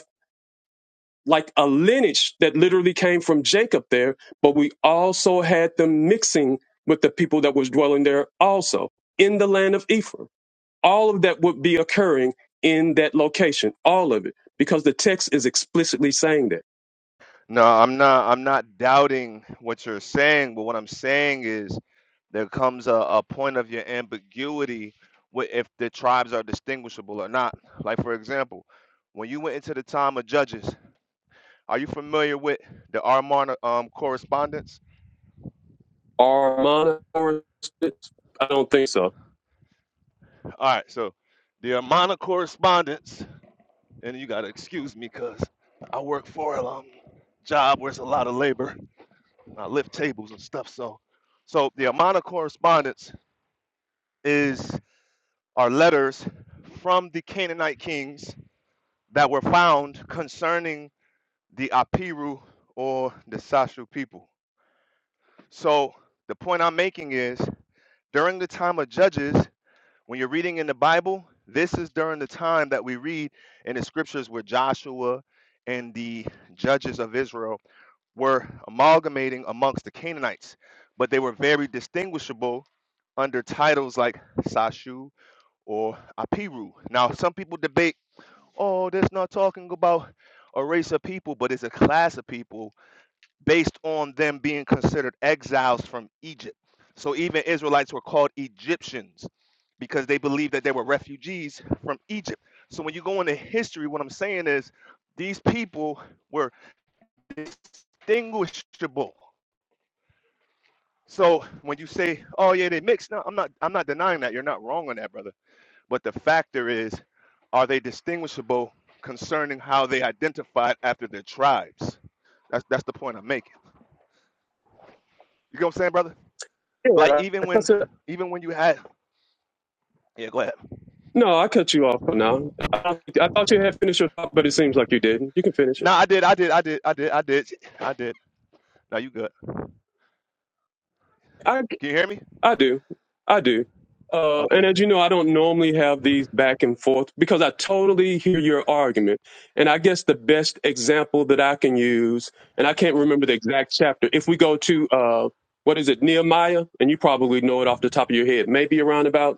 [SPEAKER 7] like a lineage that literally came from Jacob there, but we also had them mixing with the people that was dwelling there also in the land of Ephraim. All of that would be occurring in that location, all of it, because the text is explicitly saying that.
[SPEAKER 8] No, I'm not. I'm not doubting what you're saying, but what I'm saying is there comes a, a point of your ambiguity with if the tribes are distinguishable or not. Like for example, when you went into the time of Judges, are you familiar with the Armana um, correspondence?
[SPEAKER 7] Are monophorists? I don't think so.
[SPEAKER 8] All right, so the Armana correspondence, and you gotta excuse me because I work for a um, job where it's a lot of labor. I lift tables and stuff. So, so the Armana correspondence is are letters from the Canaanite kings that were found concerning the Apiru or the Sashu people. So the point I'm making is during the time of Judges, when you're reading in the Bible, this is during the time that we read in the scriptures where Joshua and the judges of Israel were amalgamating amongst the Canaanites, but they were very distinguishable under titles like Sashu or Apiru. Now, some people debate Oh, that's not talking about a race of people, but it's a class of people based on them being considered exiles from Egypt. So even Israelites were called Egyptians because they believed that they were refugees from Egypt. So when you go into history, what I'm saying is these people were distinguishable. So when you say, "Oh yeah, they mixed," no, I'm not. I'm not denying that. You're not wrong on that, brother. But the factor is, are they distinguishable concerning how they identified after their tribes? That's that's the point I'm making. You get what I'm saying, brother? Like
[SPEAKER 7] Yeah, I
[SPEAKER 8] even when
[SPEAKER 7] guess
[SPEAKER 8] even when you had yeah, go ahead.
[SPEAKER 7] no, I cut you off for now. I, don't- I thought you had finished your thought, but it seems like you didn't. You can finish it.
[SPEAKER 8] No, I did, I did, I did, I did, I did, I did. Now you good.
[SPEAKER 7] I.
[SPEAKER 8] Can you hear me?
[SPEAKER 7] I do. I do. Uh, and
[SPEAKER 8] Okay.
[SPEAKER 7] as you know, I don't normally have these back and forth because I totally hear your argument. And I guess the best example that I can use, and I can't remember the exact chapter, if we go to, uh, what is it, Nehemiah, and you probably know it off the top of your head, maybe around about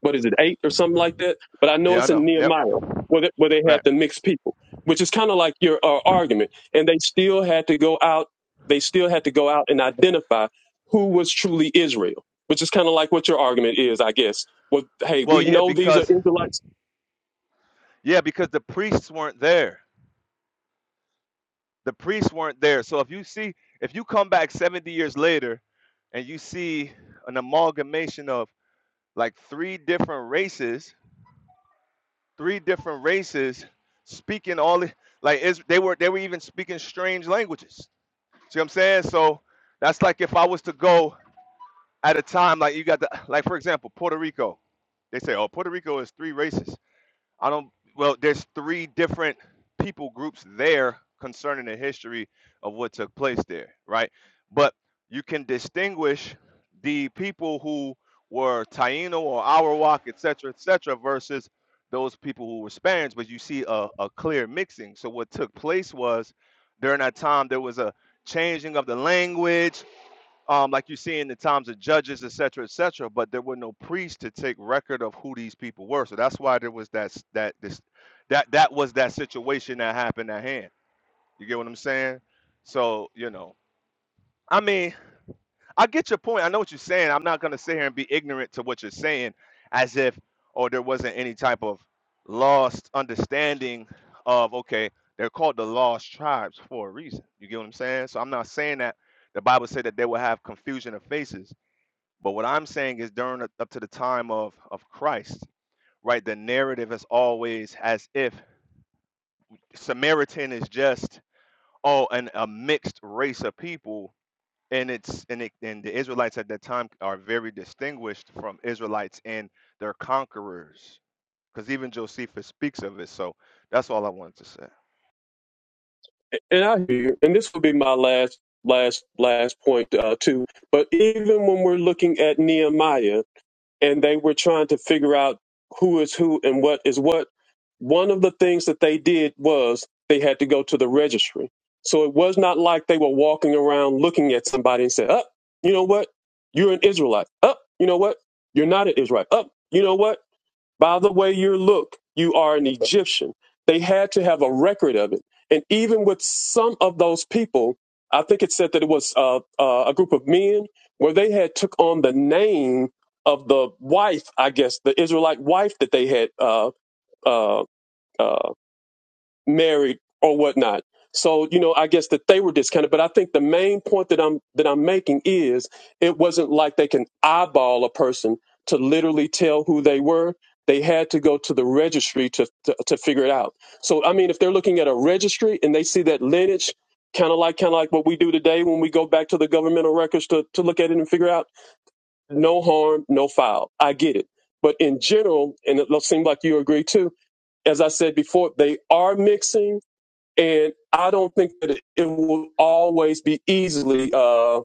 [SPEAKER 7] what is it, eight or something like that? But I know
[SPEAKER 8] Yeah, I
[SPEAKER 7] it's in
[SPEAKER 8] know. Yep.
[SPEAKER 7] Nehemiah where they, where they
[SPEAKER 8] Right.
[SPEAKER 7] had to mix people, which is kind of like your uh, argument. And they still had to go out. They still had to go out and identify who was truly Israel, which is kind of like what your argument is, I guess. Well, hey,
[SPEAKER 8] Well,
[SPEAKER 7] we
[SPEAKER 8] yeah,
[SPEAKER 7] know these are
[SPEAKER 8] because
[SPEAKER 7] Israelites,
[SPEAKER 8] yeah, because the priests weren't there. The priests weren't there. So if you see, if you come back 70 years later and you see an amalgamation of like three different races, three different races speaking all the- like is they were they were even speaking strange languages. See what I'm saying? So that's like if I was to go at a time like you got the like for example Puerto Rico, they say oh Puerto Rico is three races. I don't. Well, there's three different people groups there concerning the history of what took place there, right? But you can distinguish the people who were Taino or Arawak, etc., etc., versus those people who were Spaniards. But you see a, a clear mixing. So what took place was during that time there was a changing of the language um, like you see in the times of judges, et cetera, et cetera. But there were no priests to take record of who these people were. So that's why there was that that this that that was that situation that happened at hand. You get what I'm saying? So you know, I mean, I get your point. I know what you're saying. I'm not gonna sit here and be ignorant to what you're saying, as if or there wasn't any type of lost understanding of okay, they're called the lost tribes for a reason. You get what I'm saying? So I'm not saying that the Bible said that they will have confusion of faces but what I'm saying is during up to the time of of Christ, right? The narrative is always as if Samaritan is just oh and a mixed race of people and it's and it, and the Israelites at that time are very distinguished from Israelites and their conquerors because even Josephus speaks of it. So that's all I wanted to say.
[SPEAKER 7] and I hear, you. and this will be my last, last, last point uh, too. But even when we're looking at Nehemiah. and they were trying to figure out who is who and what is what. One of the things that they did was they had to go to the registry. So it was not like they were walking around looking at somebody and said, "Up, you know what? You're an Israelite. Up, you know what? You're not an Israelite. Up, you know what? By the way you look, you are an Egyptian. They had to have a record of it. And even with some of those people, I think it said that it was uh, uh, a group of men where they had took on the name of the wife, I guess, the Israelite wife that they had uh, uh, uh, married or whatnot. So you know, I guess that they were discounted. But I think the main point that I'm that I'm making is it wasn't like they can eyeball a person to literally tell who they were. They had to go to the registry to to, to figure it out. So I mean, if they're looking at a registry and they see that lineage. Kind of like, kind of like what we do today when we go back to the governmental records to, to look at it and figure out no harm, no foul. I get it, but in general, and it seems like you agree too. As I said before, they are mixing and I don't think that it, it will always be easily uh,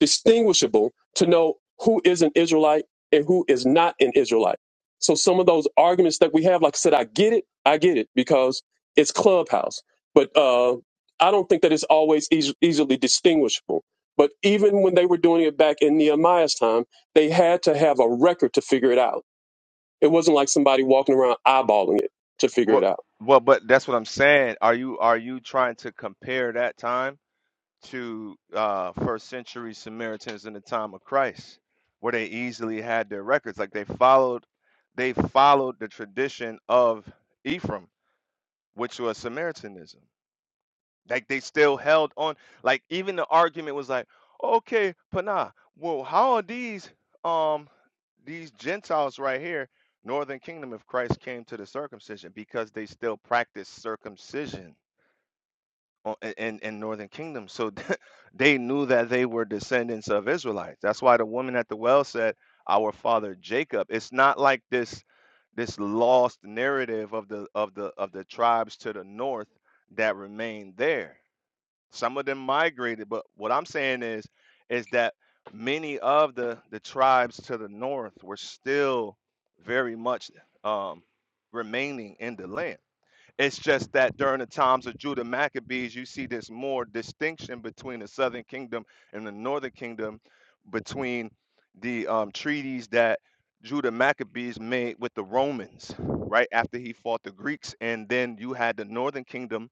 [SPEAKER 7] distinguishable to know who is an Israelite and who is not an Israelite. So some of those arguments that we have, like I said, I get it, I get it because it's Clubhouse, but uh, I don't think that it's always eas easily distinguishable. But even when they were doing it back in Nehemiah's time, they had to have a record to figure it out. It wasn't like somebody walking around eyeballing it to figure
[SPEAKER 8] Well,
[SPEAKER 7] it out.
[SPEAKER 8] well, but that's what I'm saying. Are you are you trying to compare that time? to uh, first century Samaritans in the time of Christ, where they easily had their records. Like they followed, they followed the tradition of Ephraim, which was Samaritanism. Like they still held on. Like even the argument was like, okay, Panah, well, how are these um these Gentiles right here, Northern Kingdom, if Christ came to the circumcision, because they still practice circumcision o- i- in in northern kingdom so they knew that they were descendants of israelites that's why the woman at the well said our father jacob it's not like this this lost narrative of the of the of the tribes to the north that remained there some of them migrated but what i'm saying is is that many of the the tribes to the north were still very much um remaining in the land it's just that during the times of Judah Maccabees, you see this more distinction between the southern kingdom and the northern kingdom, between the um, treaties that Judah Maccabees made with the Romans, right after he fought the Greeks, and then you had the northern kingdom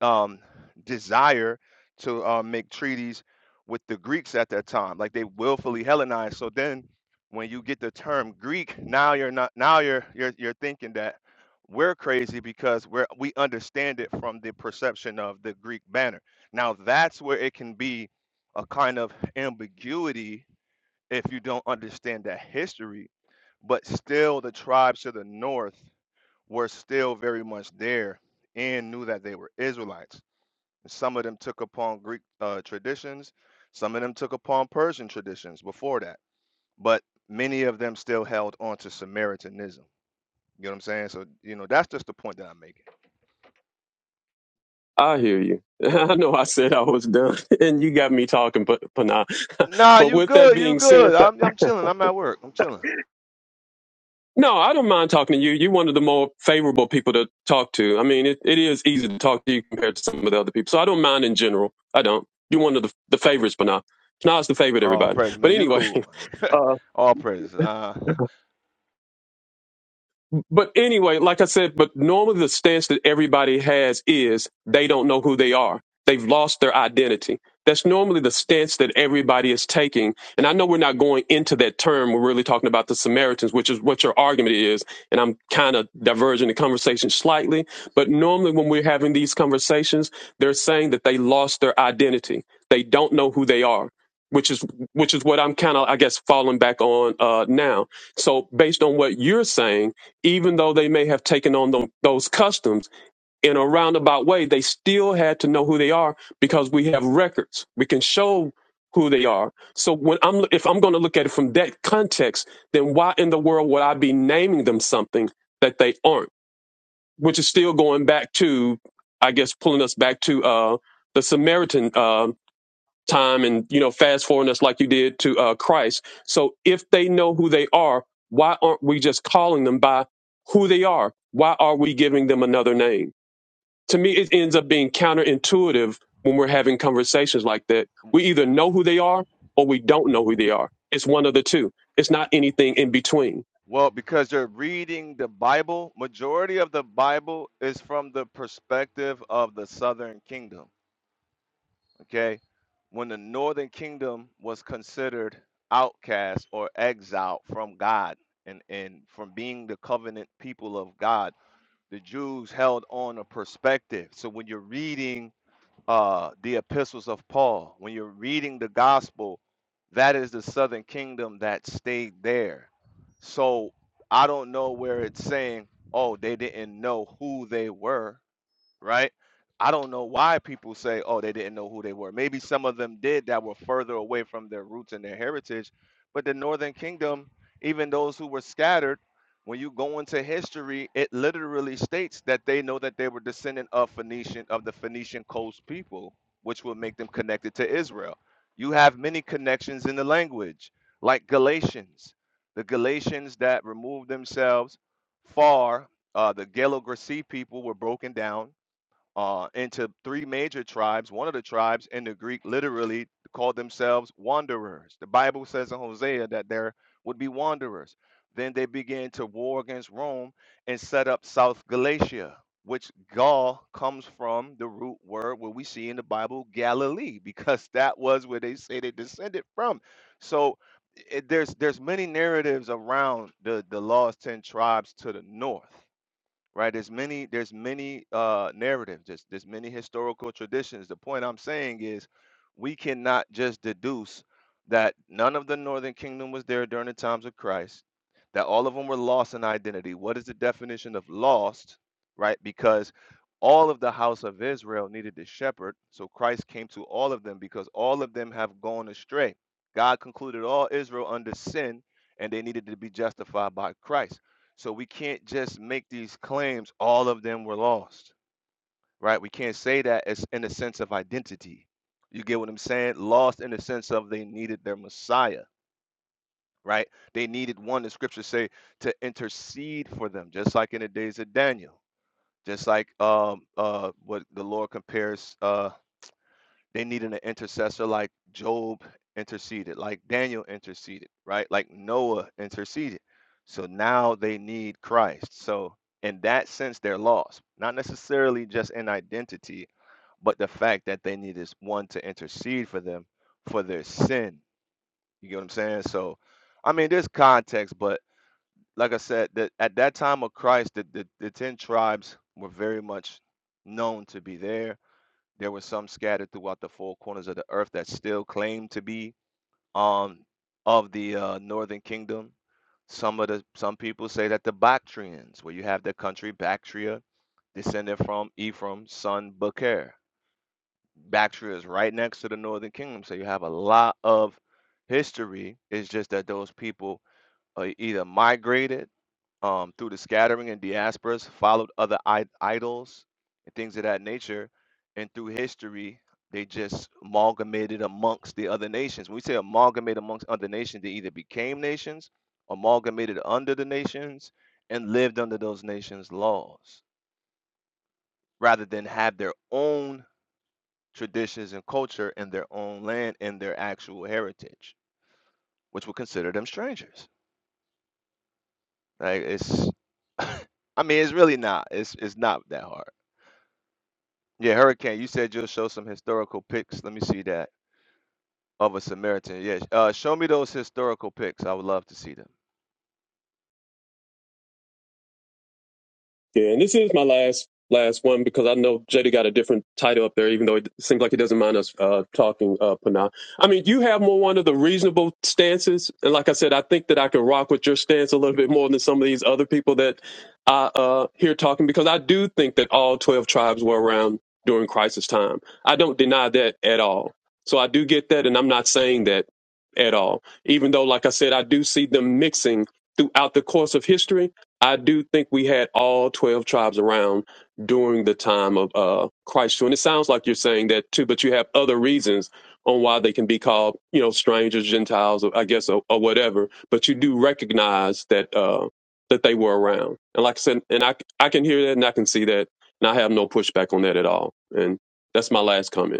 [SPEAKER 8] um, desire to uh, make treaties with the Greeks at that time. Like they willfully Hellenized. So then, when you get the term Greek, now you're not. Now you're you're you're thinking that we're crazy because we're we understand it from the perception of the Greek banner. Now that's where it can be a kind of ambiguity if you don't understand that history. But still, the tribes to the north were still very much there and knew that they were Israelites some of them took upon Greek uh, traditions, some of them took upon Persian traditions before that, but many of them still held on to Samaritanism. You know what I'm saying? So, you know, that's just the point that I'm making.
[SPEAKER 7] I hear you. I know I said I was done, and you got me talking, but but nah.
[SPEAKER 8] Nah,
[SPEAKER 7] But
[SPEAKER 8] you
[SPEAKER 7] with that
[SPEAKER 8] good, you
[SPEAKER 7] being said,
[SPEAKER 8] good.
[SPEAKER 7] th-
[SPEAKER 8] I'm, I'm chilling. I'm at work. I'm chilling.
[SPEAKER 7] no, I don't mind talking to you. You're one of the more favorable people to talk to. I mean, it, it is easy to talk to you compared to some of the other people, so I don't mind in general. I don't. You're one of the the favorites, but nah. Nah, it's the favorite,
[SPEAKER 8] All
[SPEAKER 7] everybody.
[SPEAKER 8] praise,
[SPEAKER 7] But
[SPEAKER 8] man. You
[SPEAKER 7] anyway,
[SPEAKER 8] cool.
[SPEAKER 7] uh,
[SPEAKER 8] All praise. Uh,
[SPEAKER 7] but anyway, like I said, but normally the stance that everybody has is they don't know who they are. They've lost their identity. That's normally the stance that everybody is taking. And I know we're not going into that term. We're really talking about the Samaritans, which is what your argument is. And I'm kind of diverging the conversation slightly. But normally when we're having these conversations, they're saying that they lost their identity. They don't know who they are, which is which is what I'm kind of, I guess, falling back on uh, now. So based on what you're saying, even though they may have taken on tho- those customs in a roundabout way, they still had to know who they are because we have records. We can show who they are. So when I'm, if I'm going to look at it from that context, then why in the world would I be naming them something that they aren't? Which is still going back to, I guess, pulling us back to uh, the Samaritan. um time and you know fast forwarding us like you did to uh, Christ. So if they know who they are, why aren't we just calling them by who they are? Why are we giving them another name? to me it ends up being counterintuitive when we're having conversations like that we either know who they are or we don't know who they are it's one of the two it's not anything in between
[SPEAKER 8] well, because you're reading the Bible, majority of the Bible is from the perspective of the Southern Kingdom. okay when the northern kingdom was considered outcast or exiled from god and, and from being the covenant people of god the jews held on a perspective so when you're reading uh, the epistles of paul when you're reading the gospel that is the southern kingdom that stayed there so i don't know where it's saying oh they didn't know who they were right? I don't know why people say, oh, they didn't know who they were. Maybe some of them did that were further away from their roots and their heritage. But the Northern Kingdom, even those who were scattered, when you go into history, it literally states that they know that they were descendant of Phoenician of the Phoenician coast people, which would make them connected to Israel. You have many connections in the language, like Galatians, the Galatians that removed themselves far. Uh, the Galo people were broken down uh, into three major tribes. One of the tribes in the Greek literally called themselves wanderers. The Bible says in Hosea that there would be wanderers. Then they began to war against Rome and set up South Galatia, which Gaul comes from the root word where we see in the Bible Galilee, because that was where they say they descended from. So it, there's there's many narratives around the the lost ten tribes to the north right there's many there's many uh narratives there's, there's many historical traditions the point i'm saying is we cannot just deduce that none of the northern kingdom was there during the times of christ that all of them were lost in identity what is the definition of lost right because all of the house of israel needed the shepherd so christ came to all of them because all of them have gone astray god concluded all israel under sin and they needed to be justified by christ so we can't just make these claims, all of them were lost, right? We can't say that as in the sense of identity. You get what I'm saying? Lost in the sense of they needed their Messiah, right? They needed one, the scriptures say, to intercede for them, just like in the days of Daniel, just like um uh what the Lord compares uh they needed an intercessor like Job interceded, like Daniel interceded, right? Like Noah interceded. So now they need Christ. So in that sense, they're lost. Not necessarily just in identity, but the fact that they need this one to intercede for them for their sin. You get what I'm saying? So, I mean, there's context, but like I said, that at that time of Christ, the, the, the 10 tribes were very much known to be there there were some scattered throughout the four corners of the earth that still claimed to be um, of the uh, northern kingdom. Some of the some people say that the Bactrians, where you have the country Bactria, descended from Ephraim's son Bakar. Bactria is right next to the northern kingdom, so you have a lot of history. It's just that those people uh, either migrated um, through the scattering and diasporas, followed other I- idols and things of that nature. And through history, they just amalgamated amongst the other nations. When we say amalgamate amongst other nations, they either became nations, amalgamated under the nations, and lived under those nations' laws, rather than have their own traditions and culture in their own land and their actual heritage, which would consider them strangers. Like it's, I mean, it's really not. It's it's not that hard. Yeah, Hurricane, you said you'll show some historical pics. Let me see that. Of a Samaritan. Yeah. Uh, show me those historical pics. I would love to see them.
[SPEAKER 7] Yeah, and this is my last last one because I know JD got a different title up there, even though it seems like he doesn't mind us uh, talking. Uh, Pana, I mean, you have more one of the reasonable stances, and like I said, I think that I can rock with your stance a little bit more than some of these other people that I uh, hear talking because I do think that all twelve tribes were around during crisis time. I don't deny that at all. So I do get that, and I'm not saying that at all. Even though, like I said, I do see them mixing throughout the course of history I do think we had all 12 tribes around during the time of uh, Christ. too. And it sounds like you're saying that too, but you have other reasons on why they can be called, you know, strangers, Gentiles, or I guess, or, or whatever. But you do recognize that uh, that they were around. And like I said, and I, I can hear that and I can see that. And I have no pushback on that at all. And that's my last comment.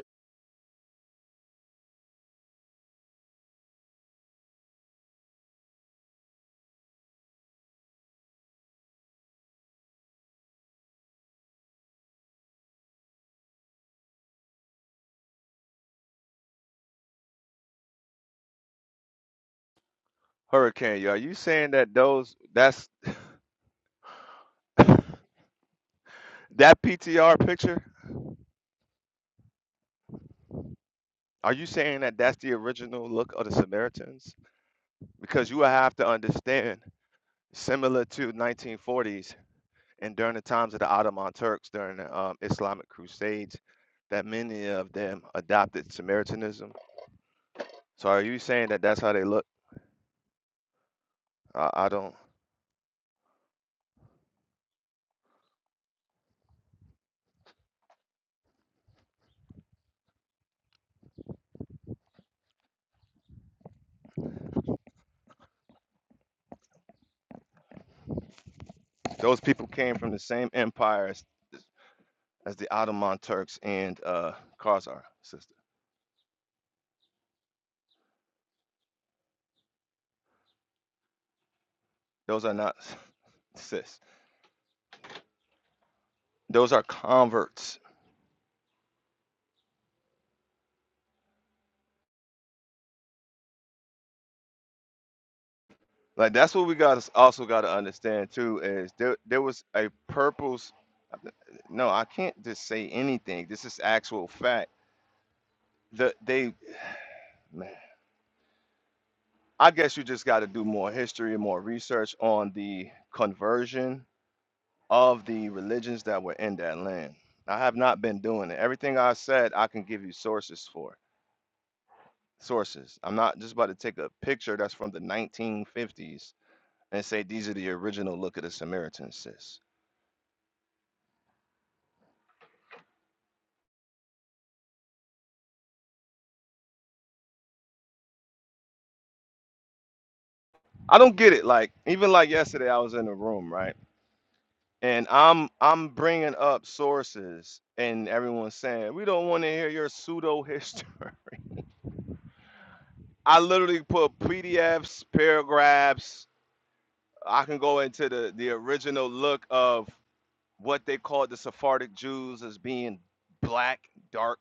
[SPEAKER 8] Hurricane, are you saying that those, that's that PTR picture? Are you saying that that's the original look of the Samaritans? Because you will have to understand, similar to 1940s and during the times of the Ottoman Turks during the um, Islamic Crusades, that many of them adopted Samaritanism. So are you saying that that's how they look? I, I don't. Those people came from the same empire as, as the Ottoman Turks and uh, Khazar, sister. Those are not, sis. Those are converts. Like that's what we got. Also got to understand too is there there was a purpose. No, I can't just say anything. This is actual fact. The they, man, I guess you just got to do more history and more research on the conversion of the religions that were in that land. I have not been doing it. Everything I said, I can give you sources for. Sources. I'm not just about to take a picture that's from the 1950s and say these are the original look of the Samaritans, sis. I don't get it. Like even like yesterday, I was in a room, right? And I'm I'm bringing up sources, and everyone's saying we don't want to hear your pseudo history. I literally put PDFs, paragraphs. I can go into the the original look of what they called the Sephardic Jews as being black, dark.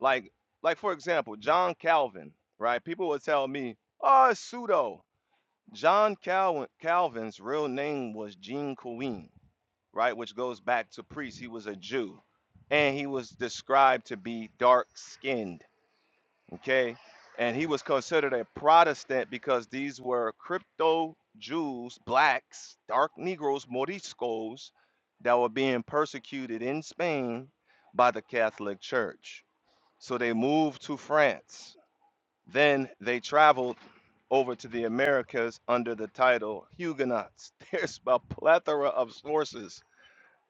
[SPEAKER 8] Like, like for example, John Calvin, right? People would tell me, oh, it's pseudo. John Calvin Calvin's real name was Jean Queen, right? Which goes back to priest. He was a Jew. And he was described to be dark skinned okay? And he was considered a Protestant because these were crypto Jews, blacks, dark Negroes, Moriscos, that were being persecuted in Spain by the Catholic Church. So they moved to France. Then they traveled over to the Americas under the title Huguenots. There's a plethora of sources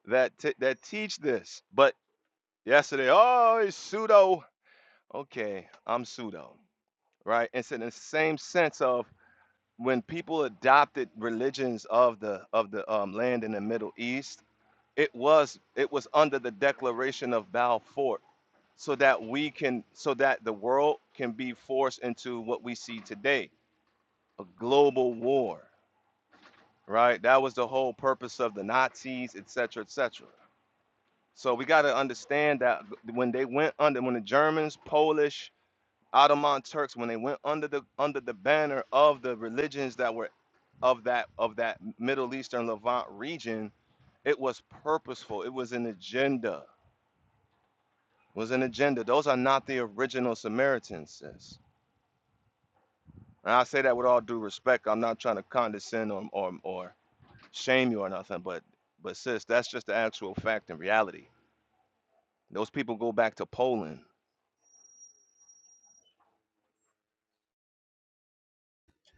[SPEAKER 8] that t- that teach this. But yesterday, oh, it's pseudo. Okay, I'm pseudo right? It's in the same sense of when people adopted religions of the of the um, land in the Middle East, it was it was under the Declaration of Balfour, so that we can so that the world can be forced into what we see today, a global war, right? That was the whole purpose of the Nazis, et cetera, et cetera. So we got to understand that when they went under, when the Germans, Polish, Ottoman Turks when they went under the under the banner of the religions that were of that of that Middle Eastern Levant region, it was purposeful. It was an agenda. Was an agenda. Those are not the original Samaritans, sis. And I say that with all due respect. I'm not trying to condescend or or, or shame you or nothing, but but sis, that's just the actual fact and reality. Those people go back to Poland.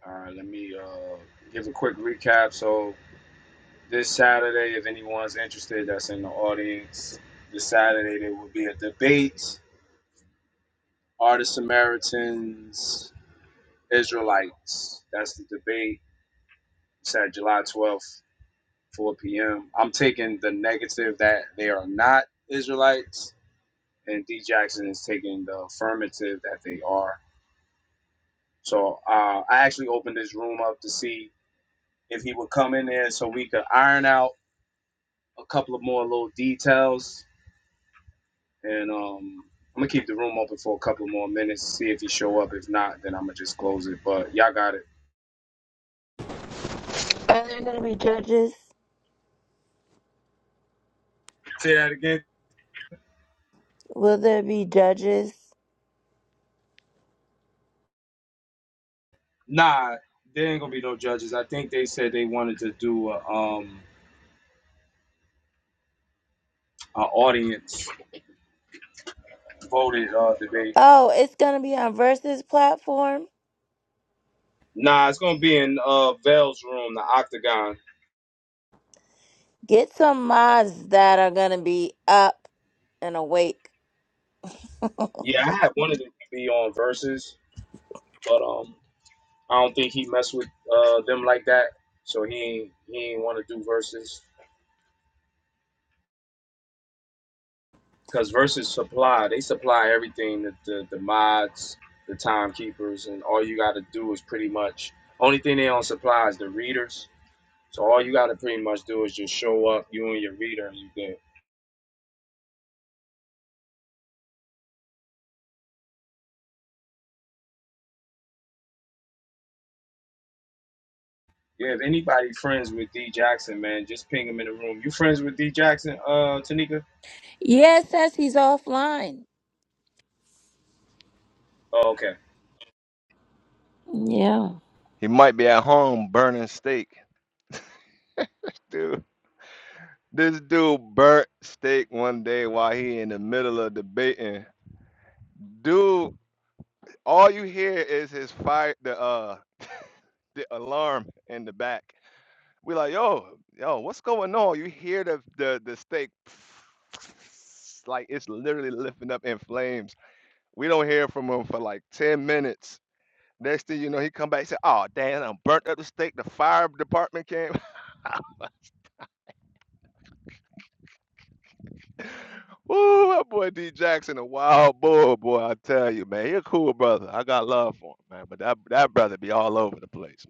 [SPEAKER 2] All right, let me uh, give a quick recap. So This Saturday, if anyone's interested that's in the audience, this Saturday there will be a debate. Are the Samaritans Israelites? That's the debate. It's at July 12th, 4 p.m. I'm taking the negative that they are not Israelites, and D Jackson is taking the affirmative that they are. So uh, I actually opened this room up to see if he would come in there so we could iron out a couple of more little details and um, I'm gonna keep the room open for a couple more minutes, see if he show up. If not, then I'm gonna just close it. But y'all got it.
[SPEAKER 6] Are there going to be judges?
[SPEAKER 2] Say that again.
[SPEAKER 6] Will there be judges?
[SPEAKER 2] Nah, there ain't gonna be no judges. I think they said they wanted to do a, um an audience voted uh debate.
[SPEAKER 6] Oh, it's going to be on Versus platform.
[SPEAKER 2] Nah, it's gonna be in uh Vale's room, the Octagon.
[SPEAKER 6] Get some mods that are going to be up and awake.
[SPEAKER 2] Yeah, I had wanted it to be on verses, but um, I don't think he messed with uh them like that. So he ain't, he ain't want to do verses. because versus supply they supply everything that the, the mods the timekeepers and all you got to do is pretty much only thing they don't supply is the readers so all you got to pretty much do is just show up you and your reader and you good yeah if anybody friends with d jackson man just ping him in the room you friends with d jackson uh tanika
[SPEAKER 6] Yeah, it says he's offline.
[SPEAKER 2] oh, okay
[SPEAKER 6] Yeah.
[SPEAKER 8] He might be at home burning steak, dude. This dude burnt steak one day while he in the middle of debating. Dude, all you hear is his fire, the uh, the alarm in the back. We like, yo, yo, what's going on? You hear the the the steak, like it's literally lifting up in flames. We don't hear from him for like ten minutes. Next thing you know, he come back and say, "Oh, damn, I burnt up the steak. The fire department came." Woo, that boy D Jackson, a wild bull, boy. I tell you, man, he a cool brother. I got love for him, man. But that that brother be all over the place, man.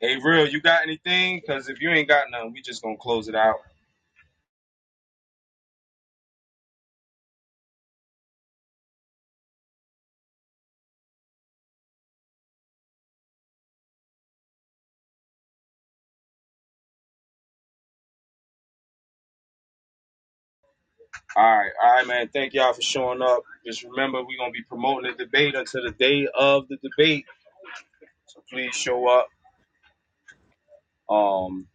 [SPEAKER 2] hey real you got anything because if you ain't got nothing, we just gonna close it out all right all right man thank y'all for showing up just remember we're gonna be promoting the debate until the day of the debate So please show up. Um,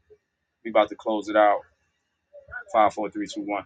[SPEAKER 2] we about to close it out. Five, four, three, two, one.